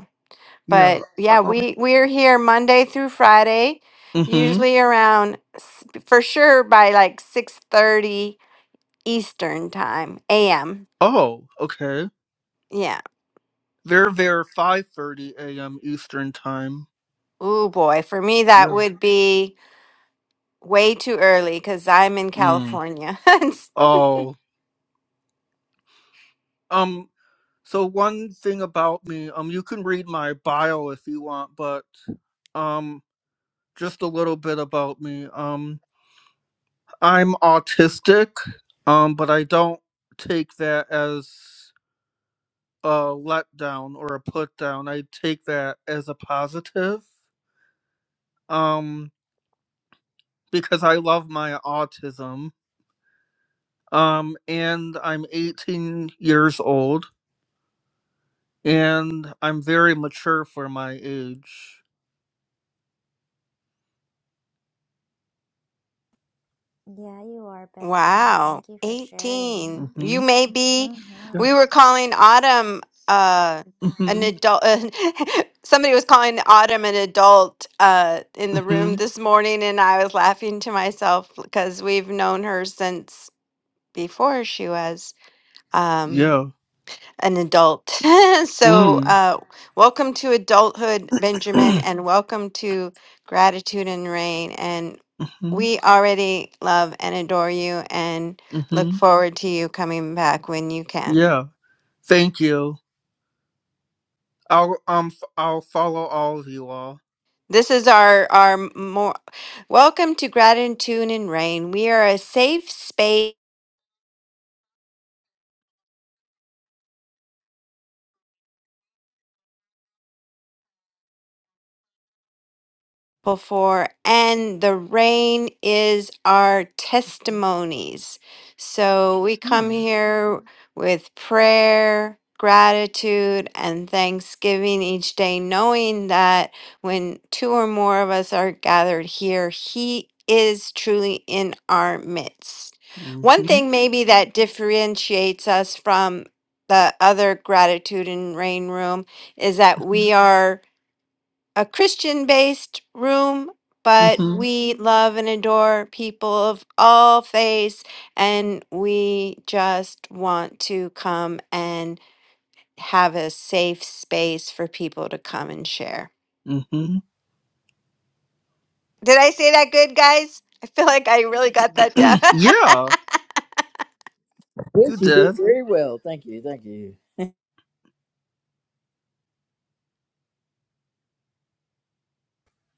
S11: Yeah.
S8: but yeah,
S11: Uh-oh.
S8: we we're here Monday through Friday,
S11: Mm-hmm.
S8: usually around s- for sure by like six thirty Eastern time a.m.
S11: Oh. Okay.
S8: Yeah.
S11: They're there 5:30 a.m. Eastern time.
S8: Oh boy, for me that
S11: Yeah.
S8: would be way too early because I'm in
S11: mm.
S8: California.
S11: Oh, um, so one thing about me, um, you can read my bio if you want, but um, just a little bit about me. Um, I'm autistic, um, but I don't take that as a letdown or a put down. I take that as a positive, um, because I love my autism. Um, and I'm 18 years old, and I'm very mature for my age.
S12: Yeah, you are, Benjamin.
S8: Wow,
S12: Thank you for sharing.
S8: 18.
S11: Mm-hmm.
S8: You may be,
S11: Yeah.
S8: we
S12: Mm-hmm.
S8: were calling Autumn uh an
S11: Mm-hmm.
S8: adult somebody was calling Autumn an adult uh in the room
S11: Mm-hmm.
S8: this morning and I was laughing to myself because we've known her since before she was. Um
S11: Yeah.
S8: an adult. so,
S11: Mm.
S8: uh, welcome to adulthood, Benjamin, and welcome to gratitude and rain. And
S11: mm-hmm.
S8: we already love and adore you, and look
S11: Mm-hmm.
S8: forward to you coming back when you can.
S11: Yeah. Thank you. I'll um f- I'll follow all of you all.
S8: This is our our more welcome to gratitude and rain. We are a safe space. before, and the rain is our
S11: Mm.
S8: testimonies. So we come here with prayer, gratitude, and thanksgiving each day, knowing that when two or more of us are gathered here, He is truly in our midst. One
S11: Mm-hmm.
S8: thing, maybe, that differentiates us from the other gratitude and rain room is that we are a Christian based room, but
S11: Mm-hmm.
S8: we love and adore people of all faiths, and we just want to come and have a safe space for people to come and share.
S11: Mm-hmm.
S8: Did I say that good, guys? I feel like I really got that down.
S11: yeah. You
S1: Yes, you did
S11: did.
S1: very well. Thank you. Thank you.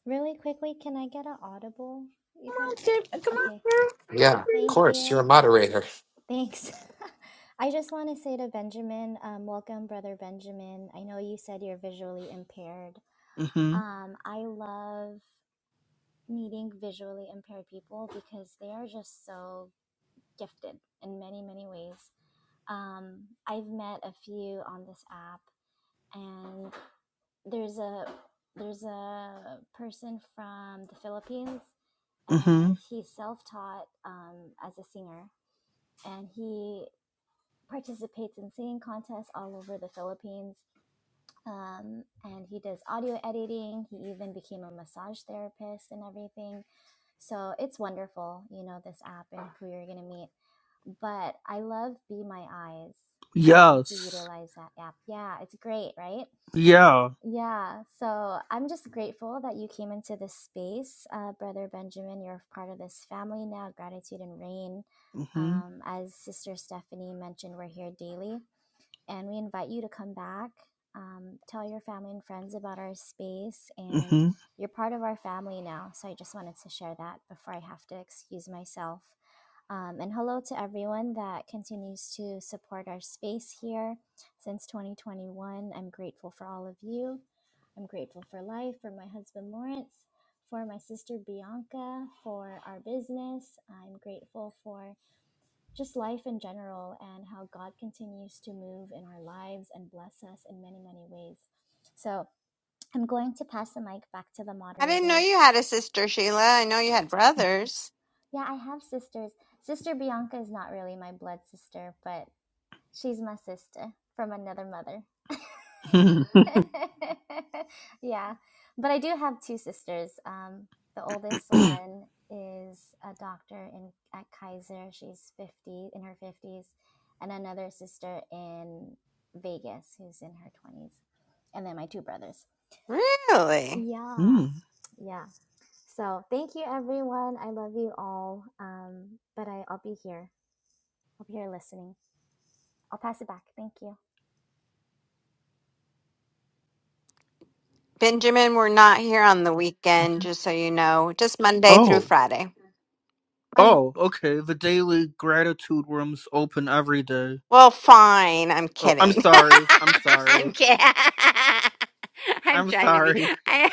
S12: Really quickly, can I get an audible, you
S1: Come
S12: guys?
S1: on, Tim. Come on,
S12: Okay,
S9: Yeah,
S1: girl.
S9: of
S12: thank
S9: course. You're
S12: you.
S9: a moderator.
S12: Thanks. I just want to say to Benjamin, um, welcome, Brother Benjamin. I know you said you're visually impaired.
S11: Mm-hmm.
S12: Um, I love meeting visually impaired people because they are just so gifted in many, many ways. Um, I've met a few on this app, and there's a there's a person from the Philippines,
S11: Mm-hmm.
S12: and he's self-taught um, as a singer, and he participates in singing contests all over the Philippines. Um, and he does audio editing. He even became a massage therapist and everything. So it's wonderful, you know, this app and who you're gonna meet. But I love Be My Eyes. I don't know if you
S11: Yes.
S12: utilize that app. Yeah, it's great, right?
S11: Yeah.
S12: Yeah, so I'm just grateful that you came into this space, uh, Brother Benjamin. You're part of this family now, Gratitude and Rain.
S11: Mm-hmm.
S12: Um, as Sister Stephanie mentioned, we're here daily, and we invite you to come back, um, tell your family and friends about our space, and
S11: Mm-hmm.
S12: you're part of our family now. So I just wanted to share that before I have to excuse myself. Um, and hello to everyone that continues to support our space here since 2021. I'm grateful for all of you. I'm grateful for life, for my husband Lawrence, for my sister Bianca, for our business. I'm grateful for just life in general and how God continues to move in our lives and bless us in many, many ways. So I'm going to pass the mic back to the
S8: I didn't know
S12: moderators.
S8: you had a sister, Sheila. I know you had brothers.
S12: Yeah, I have sisters. Sister Bianca is not really my blood sister, but She's my sister from another mother.
S11: mm.
S12: yeah, but I do have two sisters. Um, the oldest one is a doctor in at Kaiser. She's fifty in her fifties, and another sister in Vegas who's in her twenties, and then my two brothers.
S8: Really?
S12: Yeah,
S11: mm-hmm.
S12: yeah. So thank you, everyone. I love you all. Um, but I, I'll be here. I'll be here listening. I'll pass it back. Thank you.
S8: Benjamin, we're not here on the weekend, just so you know, just Monday through
S11: Oh.
S8: Friday.
S11: Oh, okay. The daily gratitude rooms open every day.
S8: Well, fine. I'm
S11: Oh, I'm
S8: kidding.
S11: sorry. I'm sorry.
S8: I'm kidding. I'm
S11: I'm
S8: trying to be.
S11: sorry.
S8: I,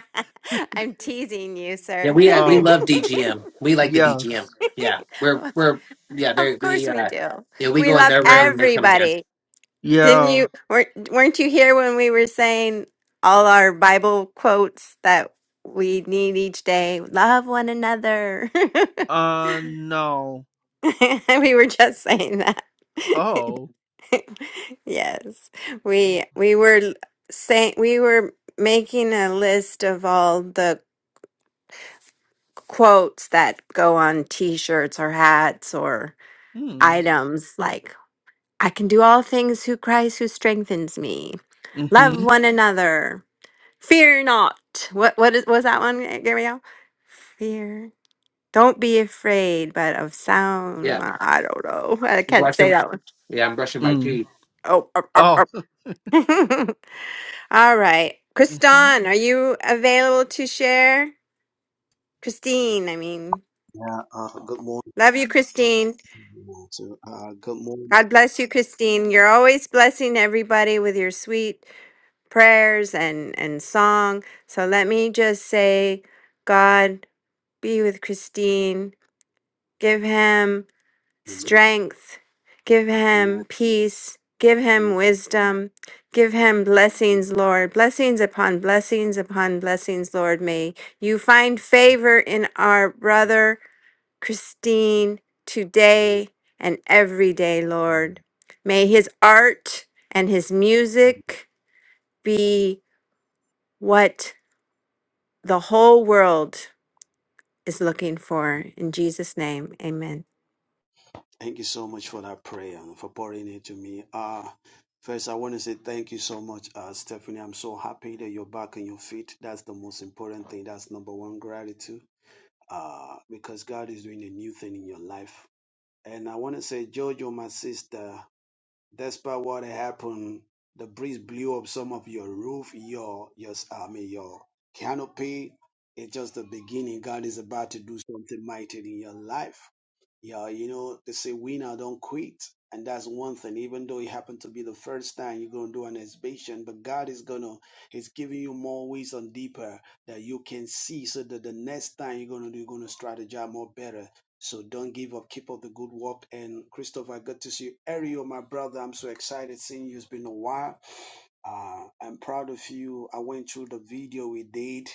S8: am teasing you,
S9: Yeah,
S8: sir.
S9: we uh, we
S11: Oh,
S9: love DGM. We like the
S11: yes.
S9: DGM. Yeah, we're
S8: of
S9: we're yeah they
S8: of course
S9: we
S8: we
S9: uh
S8: do.
S9: yeah we
S8: We
S9: go in
S8: love
S9: their room and they come here.
S8: everybody. Didn't
S11: Yeah.
S8: you? weren't Weren't you here when we were saying all our Bible quotes that we need each day? Love one another.
S11: Uh, no.
S8: we were just saying that.
S11: Oh.
S8: Yes, we we were saying we were making a list of all the quotes that go on t-shirts or hats or
S11: Hmm.
S8: items like I can do all things who Christ who strengthens me. Love
S11: Mm-hmm.
S8: one another. Fear not. What what is, was that one, Gabrielle? Fear. Don't be afraid, but of sound.
S9: Yeah,
S8: mi- I don't know. I can't say
S9: brushing.
S8: that one.
S9: Yeah, I'm brushing my
S11: Mm.
S9: teeth.
S8: Oh, up,
S11: Oh.
S8: up, up. All right.
S11: hmm
S8: Kristan, are you available to share? Christine, I mean,
S13: Yeah, uh, good morning.
S8: love you, Christine.
S13: everyone. So, uh, good morning.
S8: God bless you, Christine. You're always blessing everybody with your sweet prayers and, and song. So let me just say, God be with Christine. Give him
S13: everyone.
S8: strength. Give him
S13: Amen.
S8: peace. Give him wisdom. Give him blessings, Lord. Blessings upon blessings upon blessings, Lord. May you find favor in our brother Christine
S13: Amen.
S8: today and every day, Lord. May his art and his music be what the whole world is looking for. In Jesus' name, amen.
S13: Thank you so much for that prayer and for pouring it to me. Uh, first, I want to say thank you so much, uh, Stephanie. I'm so happy that you're back on your feet. That's the most important thing. That's number one gratitude uh, because God is doing a new thing in your life. And I want to say, Jojo, my sister, Despite what happened, the breeze blew up some of your roof, your your I mean your canopy. It's just the beginning. God is about to do something mighty in your life. Yeah, you know, they say winner don't quit. And that's one thing, even though it happened to be the first time you're going to do an exhibition, but God is going to, He's giving you more ways on deeper that you can see so that the next time you're going to do, you're going to strategize more better. So don't give up. Keep up the good work. And Christopher, good to see you. Ariel, my brother, I'm so excited seeing you. It's been a while. Uh, I'm proud of you. I went through the video we did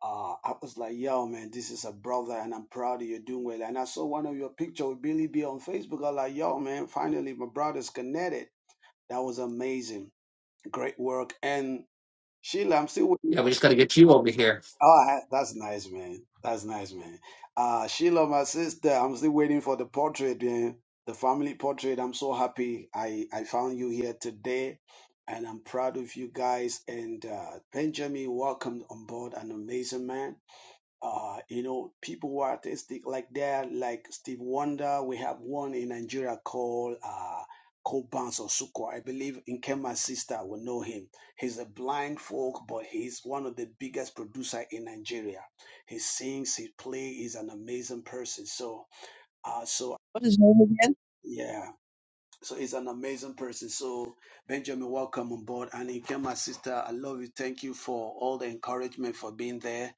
S13: uh, I was like, yo, man, this is a brother and I'm proud of you doing well. And I saw one of your picture with Billy B on Facebook. I was like, yo, man, finally my brother's connected. That was amazing. Great work. And Sheila, I'm still waiting.
S9: Yeah,
S13: For,
S9: we just got to get you over here.
S13: oh, I- that's nice, man. That's nice, man. Uh, Sheila, my sister, I'm still waiting for the portrait, man. The family portrait. I'm so happy I, I found you here today. And I'm proud of you guys. And uh, Benjamin, welcome on board. An amazing man uh, you know, people who are artistic like that, like Steve Wonder. We have one in Nigeria called uh, Kobans or Sukwa. I believe Nkema's sister will know him. He's a blind folk, but he's one of the biggest producer in Nigeria. He sings, he plays, he's an amazing person. So, uh, so
S10: What is your name again?
S13: yeah so he's an amazing person. So Benjamin, welcome on board. And again, my sister, I love you. Thank you for all the encouragement for being there.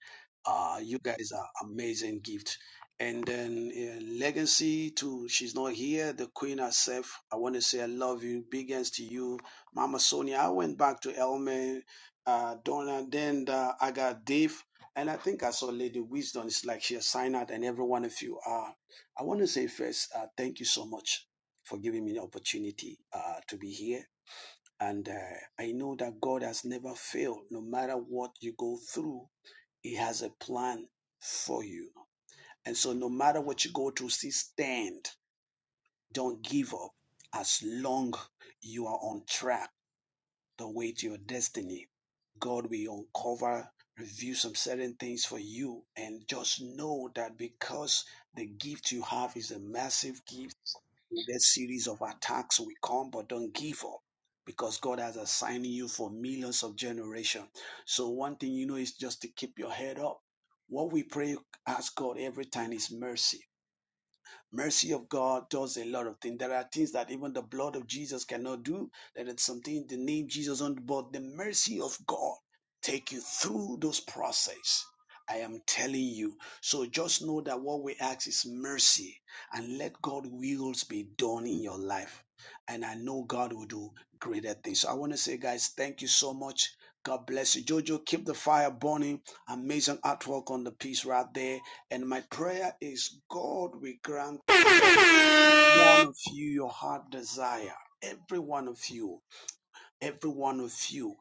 S13: Uh, you guys are amazing gift. And then uh, legacy to she's not here. The queen herself. I want to say I love you. Big hands to you, Mama Sonia. I went back to Elmer, uh, Donna, then uh, I got Dave, and I think I saw Lady Wisdom. It's like she has signed out, and every one of you. Uh, I want to say first, uh, thank you so much for giving me the opportunity uh, to be here. And uh, I know that God has never failed. No matter what you go through, He has a plan for you. And so, no matter what you go through, see, stand. Don't give up. As long you are on track, the way to your destiny, God will uncover, review some certain things for you. And just know that because the gift you have is a massive gift We'll get series of attacks will come, but don't give up because God has assigned you for millions of generation. So one thing you know is just to keep your head up. What we pray, ask God every time is mercy mercy of God does a lot of things. There are things that even the blood of Jesus cannot do. There is something the name Jesus on, but the mercy of God take you through those process. I am telling you. So just know that what we ask is mercy and let God wills be done in your life. And I know God will do greater things. So I want to say, guys, thank you so much. God bless you. Jojo, keep the fire burning. Amazing artwork on the piece right there. And my prayer is God will grant one of you your heart desire every one of you every one of you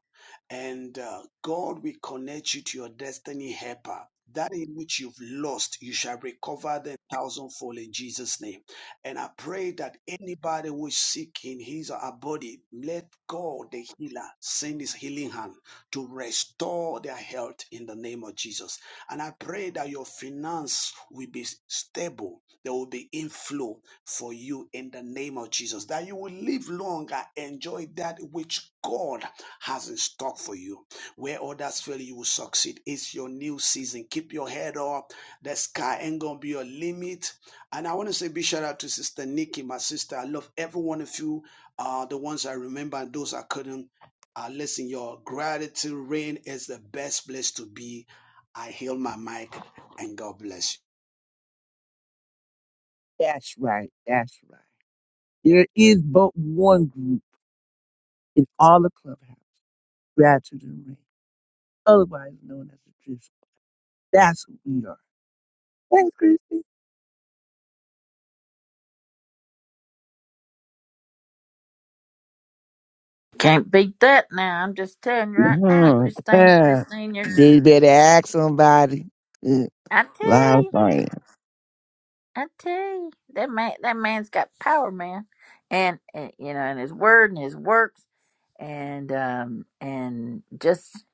S13: and uh, god will connect you to your destiny helper that in which you've lost you shall recover them thousandfold in jesus name and i pray that anybody who is sick in his or her body let god the healer send his healing hand to restore their health in the name of jesus and i pray that your finance will be stable there will be inflow for you in the name of Jesus, that you will live longer, enjoy that which God has in stock for you. Where others fail, you will succeed. It's your new season. Keep your head up. The sky ain't gonna be your limit. And I want to say big shout out to Sister Nikki, my sister. I love every one of you. Uh, the ones I remember and those I couldn't. Uh, listen, your gratitude rain is the best place to be. I heal my mic and God bless you.
S10: That's right. That's right. There is but one group in all the clubhouse, gratitude and rain, otherwise known as the drift. That's who we are. Thanks, Christy.
S1: Can't beat that now. I'm just telling you right now,
S10: hmm
S1: Christine. Christine,
S10: They
S1: you're.
S10: better ask somebody. Good.
S1: I tell you.
S10: Live
S1: I tell you, that man, that man's got power, man, and, and you know, and his word and his works, and um, and just,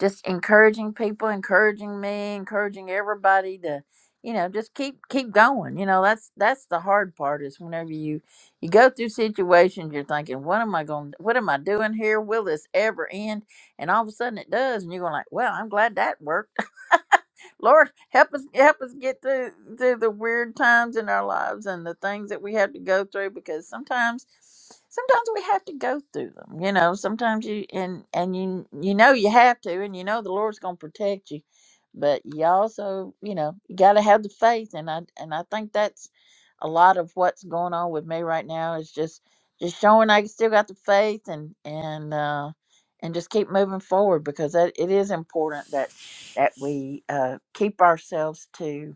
S1: just encouraging people, encouraging me, encouraging everybody to, you know, just keep keep going. You know, that's that's the hard part is whenever you you go through situations, you're thinking, what am I going, what am I doing here? Will this ever end? And all of a sudden, it does, and you're going like, well, I'm glad that worked Lord, help us help us get through through the weird times in our lives and the things that we have to go through because sometimes sometimes we have to go through them. You know, sometimes you and and you you know you have to and you know the Lord's going to protect you. But you also, you know, you got to have the faith and I and I think that's a lot of what's going on with me right now is just just showing I still got the faith and and uh and just keep moving forward because that it is important that that we uh, keep ourselves to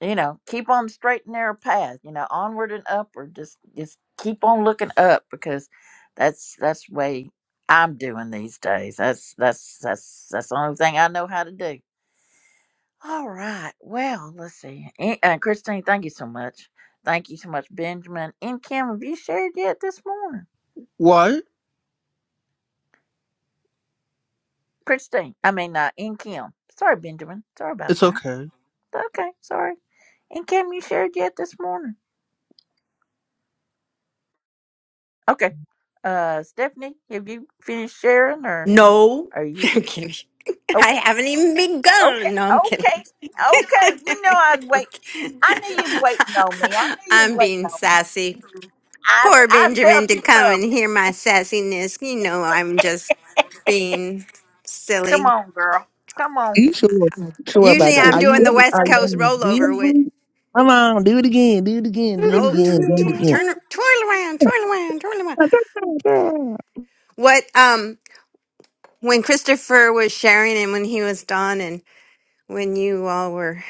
S1: you know keep on the straight and narrow path you know onward and upward just just keep on looking up because that's that's the way i'm doing these days that's that's that's that's the only thing i know how to do all right well let's see and, uh, christine thank you so much thank you so much benjamin and kim have you shared yet this morning
S11: What?
S1: christine i mean uh, and kim sorry benjamin sorry about
S11: It's
S1: that
S11: okay.
S1: okay sorry and kim you shared yet this morning Okay. Uh, Stephanie, have you finished sharing, or
S8: No,
S1: are you?
S8: I'm kidding.
S1: Okay,
S8: I haven't even
S1: okay,
S8: begun. No, I'm
S1: okay,
S8: kidding.
S1: okay. You know I was
S8: I'm
S1: wait.
S8: kidding.
S1: I knew you was waiting on me. I knew you was
S8: I'm
S1: waiting
S8: being
S1: on me.
S8: sassy.
S1: I
S8: Poor
S1: I
S8: Benjamin
S1: felt you
S8: to come and
S1: coming.
S8: hear my sassiness. You know, I'm just being
S1: Come
S8: silly.
S1: on, girl. Come
S10: Are
S1: on.
S10: You sure? Sure about
S8: Usually,
S10: that?
S8: I'm
S10: Are
S8: doing the
S10: you?
S8: West
S10: Are
S8: Coast
S10: you busy?
S8: rollover with
S10: Come on, do it again. Do it again. Do it
S8: roll, tw-
S10: again. Do it
S8: tw-
S10: again.
S8: turn, twirl around, twirl around, twirl around.
S10: Girl,
S8: What um when Christopher was sharing and when he was done and when you all were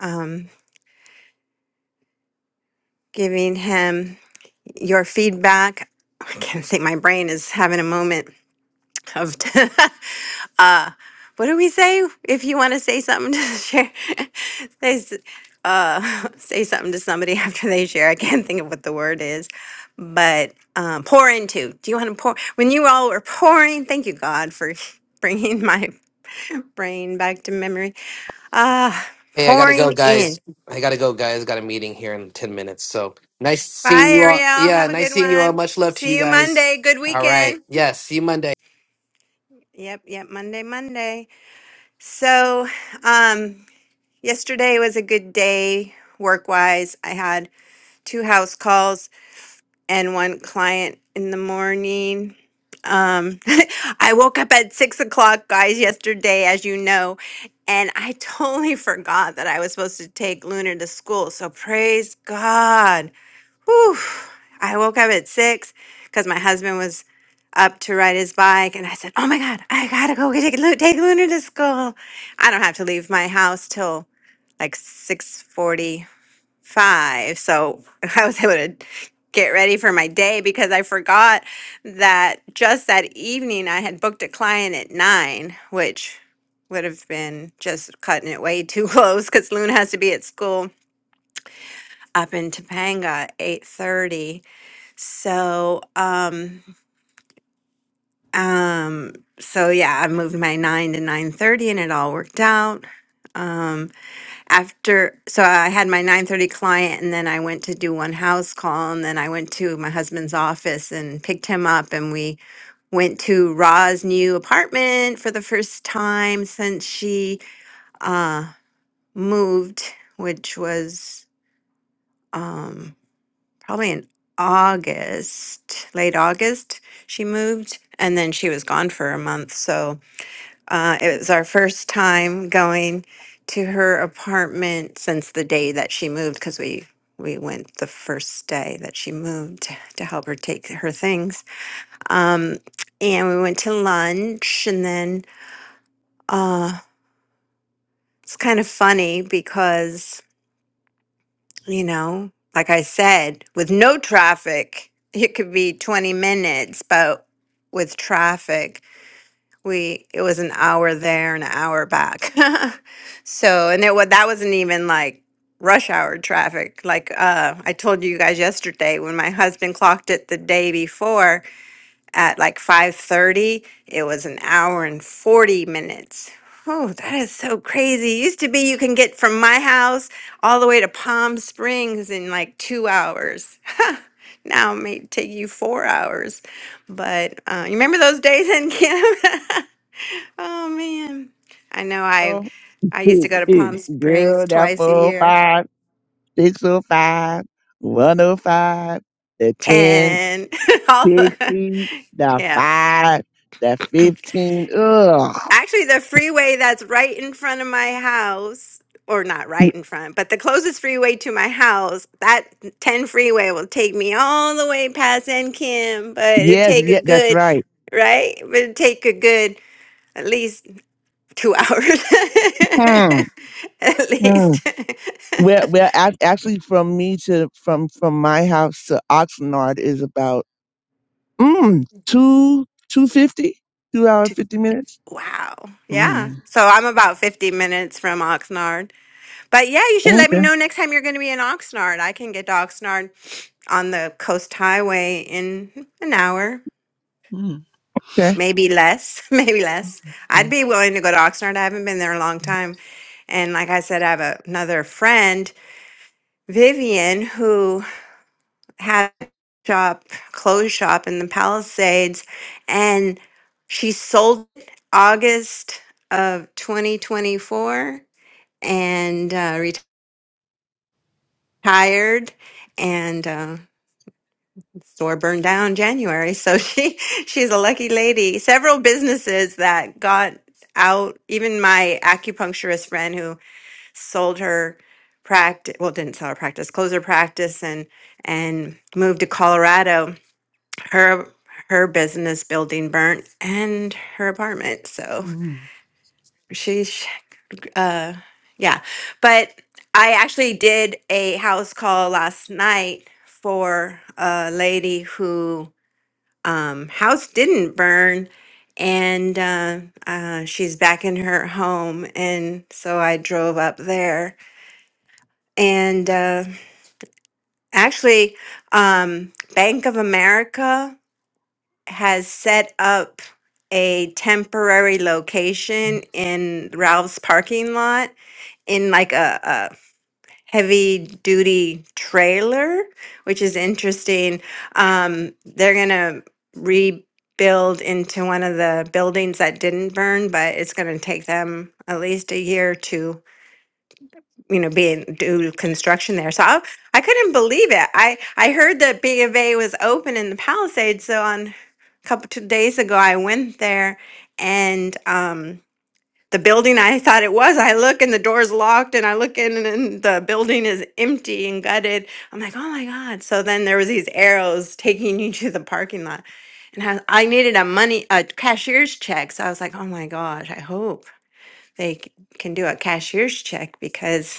S8: um giving him. your feedback. I can't think. My brain is having a moment of. uh, what do we say if you want to say something to share? Say, s- uh, say something to somebody after they share. I can't think of what the word is, but um, pour into. Do you want to pour? When you all were pouring, thank you, God, for bringing my brain back to memory. Ah,
S9: Hey, I gotta go,
S8: pouring
S9: guys.
S8: in.
S9: I gotta go, guys. Got a meeting here in ten minutes. So nice
S8: Bye,
S9: seeing you all.
S8: Ariel.
S9: Yeah,
S8: Have a
S9: nice
S8: good
S9: seeing you all.
S8: one.
S9: Much love to
S8: See
S9: you
S8: you
S9: guys.
S8: Monday. Good
S9: All right.
S8: weekend.
S9: Yes. see you Monday.
S8: Yep, yep, Monday, Monday. So, um, yesterday was a good day work-wise. I had two house calls and one client in the morning. Um, I woke up at six o'clock, guys, yesterday, as you know, and I totally forgot that I was supposed to take Lunar to school. So praise God. Whew. I woke up at six because my husband was up to ride his bike, and I said, "Oh my God, I gotta go get- take Lu- take Luna to school. I don't have to leave my house till like six forty-five, so I was able to get ready for my day because I forgot that just that evening I had booked a client at nine, which would have been just cutting it way too close because Luna has to be at school up in Topanga eight thirty so, um, um, so yeah, I moved my nine to nine thirty, and it all worked out. Um, after, so I had my nine thirty client, and then I went to do one house call, and then I went to my husband's office and picked him up, and we went to Ra's new apartment for the first time since she uh moved, which was um probably in August, late August, she moved and then she was gone for a month. So uh, it was our first time going to her apartment since the day that she moved because we we went the first day that she moved to help her take her things um, and we went to lunch and then uh, it's kind of funny because you know, like I said, with no traffic, it could be 20 minutes, but with traffic, we it was an hour there and an hour back. so, and it was that wasn't even like rush hour traffic. Like uh I told you guys yesterday when my husband clocked it the day before, at like 5:30 it was an hour and 40 minutes oh that is so crazy used to be you can get from my house all the way to palm springs in like two hours now it may take you four hours but uh, you remember those days in kim oh man i know i i used
S10: shoot,
S8: to go to palm
S10: shoot.
S8: springs
S10: Girl, that
S8: twice a
S10: four oh
S8: year
S10: five, six oh five, one oh five, the ten,
S8: 10 all,
S10: sixty, the
S8: yeah
S10: five, the fifteen. Ugh.
S8: Actually, the freeway that's right in front of my house, or not right in front, but the closest freeway to my house, that 10 freeway will take me all the way past N Kim, but it'll
S10: Yes,
S8: take a
S10: yeah, that's
S8: good,
S10: right.
S8: right? But it'll take a good at least two hours.
S10: Hmm.
S8: at
S10: Hmm.
S8: least.
S10: Well, well, ac- actually, from me to from from my house to Oxnard is about. Mm, two two fifty, two hour
S8: Two-
S10: fifty minutes.
S8: wow. Yeah.
S11: Mm.
S8: So I'm about 50 minutes from Oxnard. But yeah, you should let me
S10: Okay,
S8: know next time you're going to be in Oxnard. I can get to Oxnard on the coast highway in an hour,
S11: Mm.
S10: okay. Yeah.
S8: maybe less, maybe less. I'd
S11: Mm.
S8: be willing to go to Oxnard. I haven't been there in a long time. And like I said, I have a, another friend, Vivian, who had a shop, clothes shop in the Palisades, and she sold it August of 2024 and uh, retired. And uh, store burned down in January. So she she's a lucky lady. Several businesses that got out, even my acupuncturist friend who sold her practice well didn't sell her practice, closed her practice and and moved to Colorado. Her her business building burnt and her apartment. So
S11: Mm.
S8: she's uh yeah. But I actually did a house call last night for a lady who um, house didn't burn and uh, uh, she's back in her home and so i drove up there and uh, actually um, bank of america has set up a temporary location in ralph's parking lot in like a, heavy duty trailer, which is interesting. Um, they're going to rebuild into one of the buildings that didn't burn, but it's going to take them at least a year to, you know, be in, do construction there. So I, I couldn't believe it. I, I heard that B of A was open in the Palisades. So on a couple two days ago, I went there and, um, the building I thought it was. I look and the door's locked, and I look in and and the building is empty and gutted. I'm like, oh my god! So then there was these arrows taking you to the parking lot, and I, I needed a money a cashier's check. So I was like, oh my gosh, I hope they c- can do a cashier's check because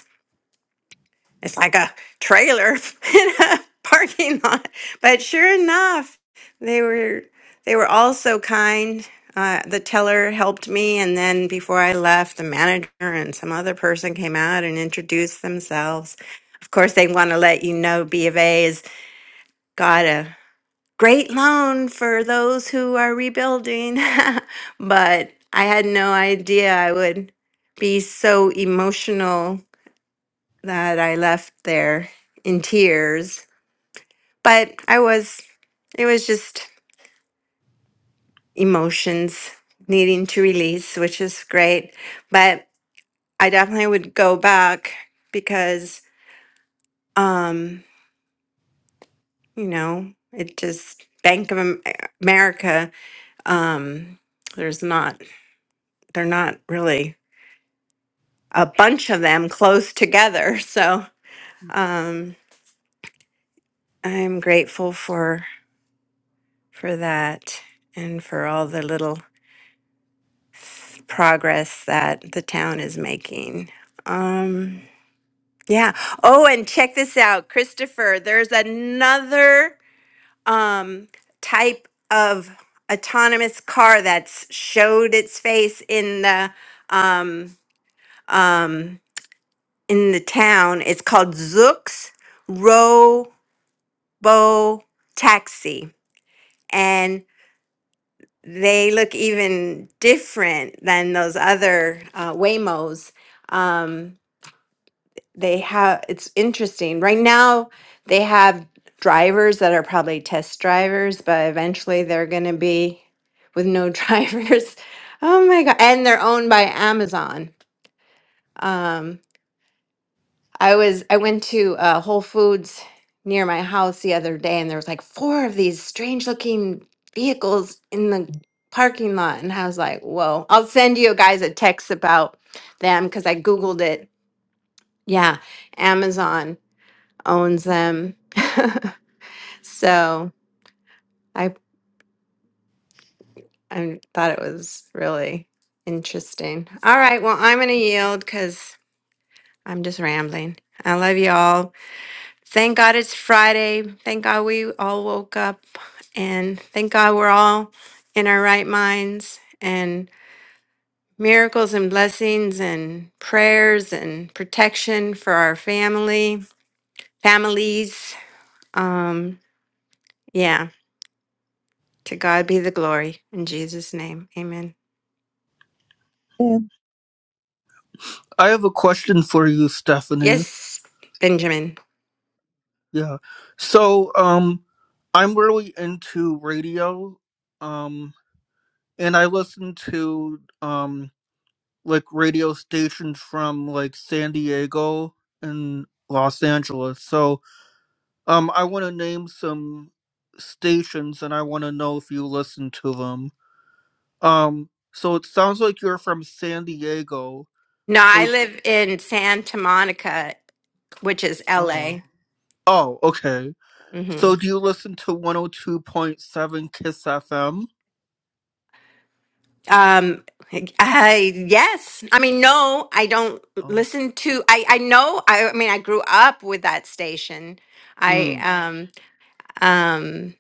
S8: it's like a trailer in a parking lot. But sure enough, they were they were all so kind. Uh, the teller helped me, and then before I left, the manager and some other person came out and introduced themselves. Of course, they want to let you know B of A has got a great loan for those who are rebuilding, but I had no idea I would be so emotional that I left there in tears. But I was, it was just emotions needing to release, which is great. But I definitely would go back because, um, you know, it just Bank of Am- America, um, there's not, they're not really a bunch of them close together. So, um, I'm grateful for for that and for all the little progress that the town is making. Um, yeah. Oh, and check this out, Christopher. There's another um, type of autonomous car that's showed its face in the um, um, in the town. It's called Zooks Robo Taxi, and they look even different than those other uh, Waymos. Um, they have it's interesting right now they have drivers that are probably test drivers but eventually they're going to be with no drivers oh my god and they're owned by amazon um i was i went to uh, whole foods near my house the other day and there was like four of these strange looking vehicles in the parking lot and i was like whoa i'll send you guys a text about them because i googled it yeah amazon owns them. so I I thought it was really interesting. All right, well I'm gonna yield because I'm just rambling. I love you all. Thank God it's Friday. Thank God we all woke up, and thank God we're all in our right minds and miracles and blessings and prayers and protection for our family families. Um, yeah. To God be the glory. In Jesus' name, amen.
S11: I have a question for you, Stephanie.
S8: Yes, Benjamin.
S11: Yeah. So, um, I'm really into radio. Um, and I listen to, um, like radio stations from like San Diego and Los Angeles. So um I want to name some stations and I want to know if you listen to them. Um so it sounds like you're from San Diego.
S8: No, I
S11: So
S8: live in Santa Monica, which is
S11: oh.
S8: LA.
S11: Oh, okay.
S8: hmm
S11: So do you listen to 102.7 Kiss FM?
S8: Um, I, yes. I mean, no, I don't
S11: Oh.
S8: listen to, I, I know, I, I mean, I grew up with that station. I,
S11: Mm.
S8: um, um,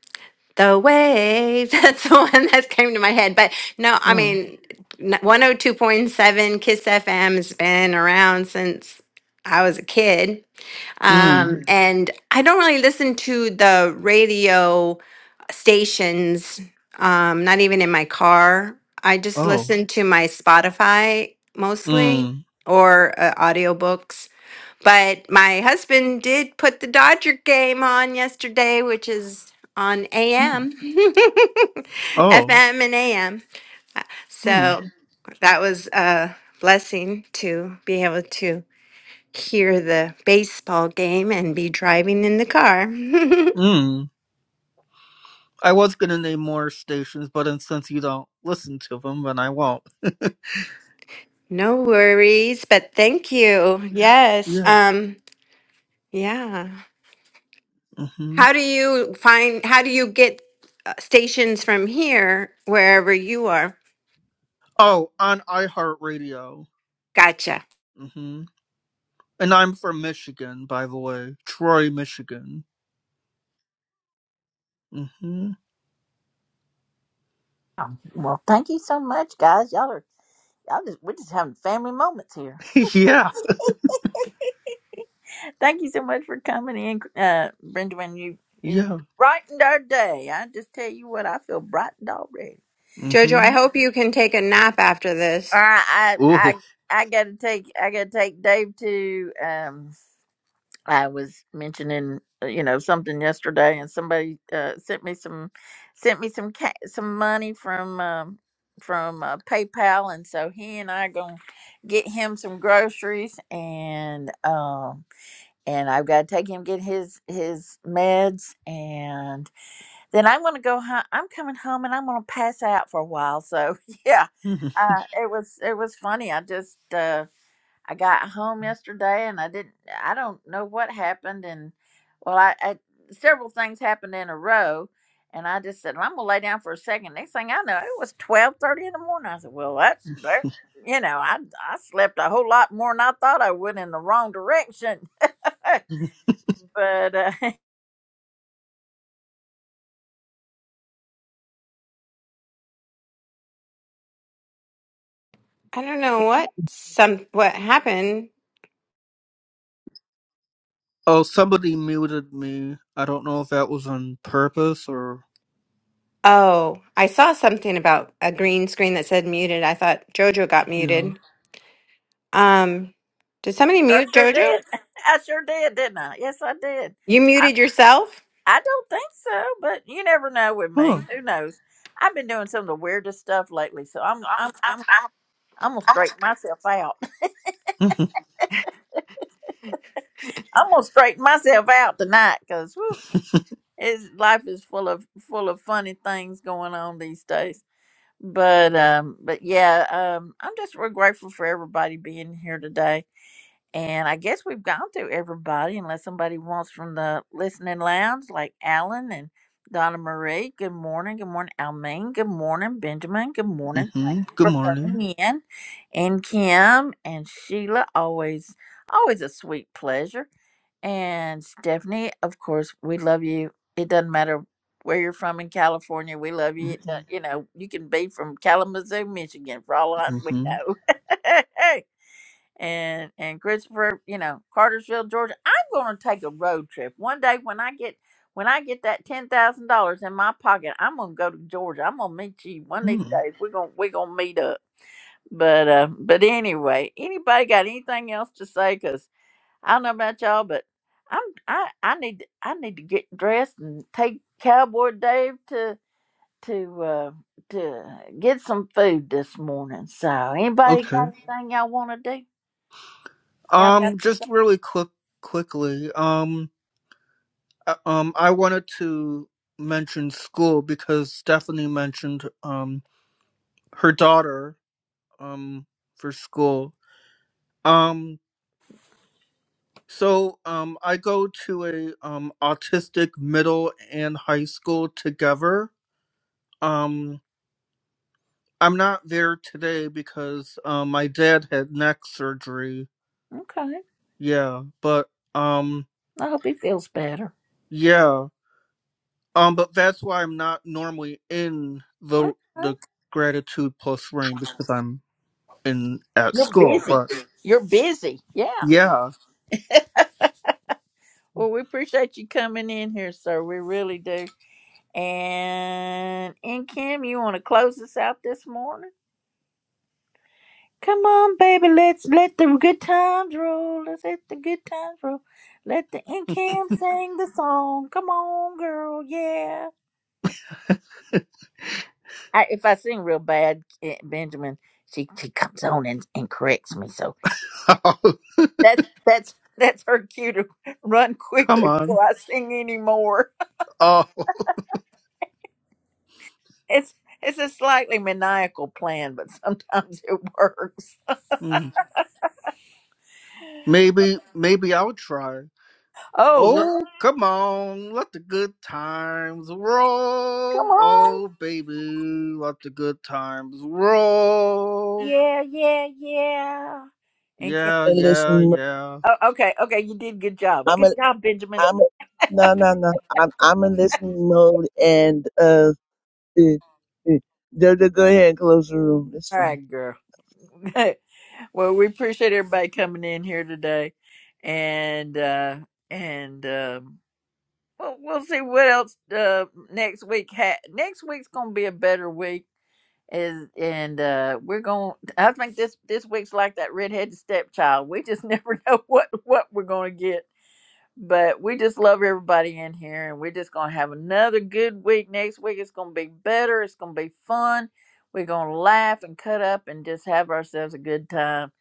S8: The waves. That's the one that came to my head. But no, I
S11: Huh.
S8: mean, n- 102.7 Kiss FM has been around since I was a kid. Um,
S11: Mm.
S8: Mm. and I don't really listen to the radio stations, um, not even in my car. I just
S11: Oh.
S8: listen to my Spotify mostly
S11: Mm.
S8: or uh, audiobooks. But my husband did put the Dodger game on yesterday, which is on
S11: Mm.
S8: AM, FM,
S11: Oh.
S8: and AM.
S11: Mm.
S8: So that was a blessing to be able to hear the baseball game and be driving in the car.
S11: Mm. I was gonna name more stations, but then since you don't listen to them, then I won't.
S8: no worries, but thank you. Yes.
S11: Yeah.
S8: Um, yeah.
S11: hmm
S8: How do you find, how do you get uh, stations from here, wherever you are?
S11: Oh, on iHeartRadio.
S8: Gotcha.
S11: hmm And I'm from Michigan, by the way. Troy, Michigan. hmm
S1: Oh, Well, thank you so much, guys. Y'all are y'all just we're just having family moments here.
S11: yeah.
S1: Thank you so much for coming in, uh, Benjamin. You you
S11: Yeah.
S1: brightened our day. I just tell you what, I feel brightened already.
S8: Jojo, I
S11: hmm
S8: hope you can take a nap after
S1: All
S8: this.
S1: right, I
S11: Ooh.
S1: I I gotta take I gotta take Dave to um I was mentioning uh, you know something yesterday and somebody uh sent me some sent me some ca- some money from um from uh, PayPal and so he and I going to get him some groceries and um and I've got to take him get his his meds then I'm going to go home. I'm coming home and I'm going to pass out for a while. So yeah,
S11: Mhm.
S1: uh, it was it was funny. I just uh, I got home yesterday and I didn't. I don't know what happened. And well, I, I several things happened in a row, and I just said well, I'm going to lay down for a second. Next thing I know, it was twelve thirty in the morning. I said, well, that's that. You know, I I slept a whole lot more than I thought I would in the wrong direction, but uh,
S8: I don't know what some what happened.
S11: oh, somebody muted me. I don't know if that was on purpose or...
S8: Oh, I saw something about a green screen that said muted. I thought Jojo got
S11: Yeah.
S8: muted. Um, did somebody
S1: I
S8: mute
S1: sure
S8: Jojo?
S1: did. I sure did, didn't I? Yes, I did.
S8: You muted yourself?
S1: I don't think so, but you never know with me.
S11: Huh.
S1: Who knows? I've been doing some of the weirdest stuff lately, so I'm I'm I'm I'm gonna straighten myself out.
S11: hmm
S1: I'm gonna straighten myself out tonight because is life is full of full of funny things going on these days. But um, but yeah, um, I'm just real grateful for everybody being here today. And I guess we've gone through everybody, unless somebody wants from the listening lounge, like Alan and Donna Marie. Good morning. Good morning, Almaine. Good morning, Benjamin. Good morning. Thank
S11: hmm
S1: you
S11: Good
S1: for
S11: morning.
S1: coming in. And Kim and Sheila, always, always a sweet pleasure. And Stephanie, of course, we love you. It doesn't matter where you're from in California. We love you. It do- You know, you can be from Kalamazoo, Michigan, for all I, we
S11: hmm
S1: know. and and Christopher, you know, Cartersville, Georgia. I'm going to take a road trip one day when I get when I get that ten thousand dollars in my pocket. I'm going to go to Georgia. I'm going to meet you one of these
S11: hmm
S1: days. We're going to we're going to meet up. But uh, but anyway, anybody got anything else to say? Cause I don't know about y'all, but I'm I I need to- I need to get dressed and take Cowboy Dave to to uh, to get some food this morning. So anybody
S11: Okay.
S1: got anything y'all want to do? Y'all got
S11: Um,
S1: to say?
S11: just really quick, quickly. Um, uh, um, I wanted to mention school because Stephanie mentioned um her daughter um for school. Um, so um, I go to a um autistic middle and high school together. Um, I'm not there today because um my dad had neck surgery.
S1: Okay.
S11: Yeah, but um,
S1: I hope he feels better.
S11: yeah. Um, but that's why I'm not normally in the
S1: Okay.
S11: the gratitude plus rain because I'm in at
S1: You're
S11: school.
S1: busy.
S11: But
S1: You're busy. Yeah.
S11: yeah,
S1: Well, we appreciate you coming in here, sir. We really do. And and Kim, you want to close us out this morning? Come on, baby. Let's let the good times roll. Let's let the good times roll. Let the and Kim sing the song. Come on, girl. Yeah. I, if I sing real bad, eh, Benjamin, she she comes on and, and corrects me. So. That that's that's her cue to run
S11: come
S1: quickly
S11: on.
S1: before I sing anymore.
S11: Oh,
S1: It's it's a slightly maniacal plan, but sometimes it works.
S11: mm, maybe maybe I'll try.
S1: Oh, look,
S11: Oh, come on, let the good times
S1: come
S11: roll.
S1: on!
S11: Oh, baby, let the good times roll.
S1: Yeah, yeah, yeah. And can,
S11: Yeah,
S10: And
S11: yeah,
S10: listen,
S11: yeah.
S1: oh, okay, okay, you did good job.
S10: I'm
S1: Good
S10: a,
S1: job, Benjamin.
S10: I'm a, no, no, no. I'm, I'm in listening mode, and uh, eh, eh. Jojo, go ahead and close the room. It's
S1: All
S10: fine.
S1: right, girl. well, we appreciate everybody coming in here today, and uh and. um Well, we'll see what else uh, next week. Ha- next week's gonna be a better week, is and uh, we're gonna. I think this this week's like that redheaded stepchild. We just never know what what we're gonna get. But we just love everybody in here, and we're just gonna have another good week next week. It's gonna be better. It's gonna be fun. We're gonna laugh and cut up and just have ourselves a good time.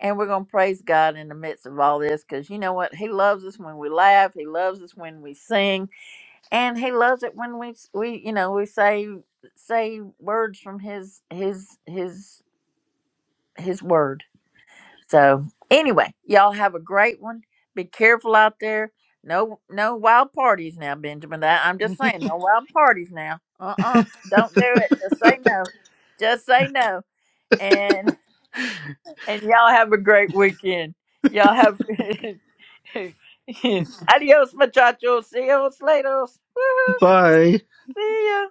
S1: And we're gonna praise God in the midst of all this, because you know what? He loves us when we laugh. He loves us when we sing and he loves it when we we you know we say say words from his his his his word so anyway y'all have a great one be careful out there no no wild parties now benjamin that i'm just saying no wild parties now Uh uh-uh don't do not do it just say no just say no and and y'all have a great weekend y'all have adios muchachos see you later woo
S11: Bye.
S1: see ya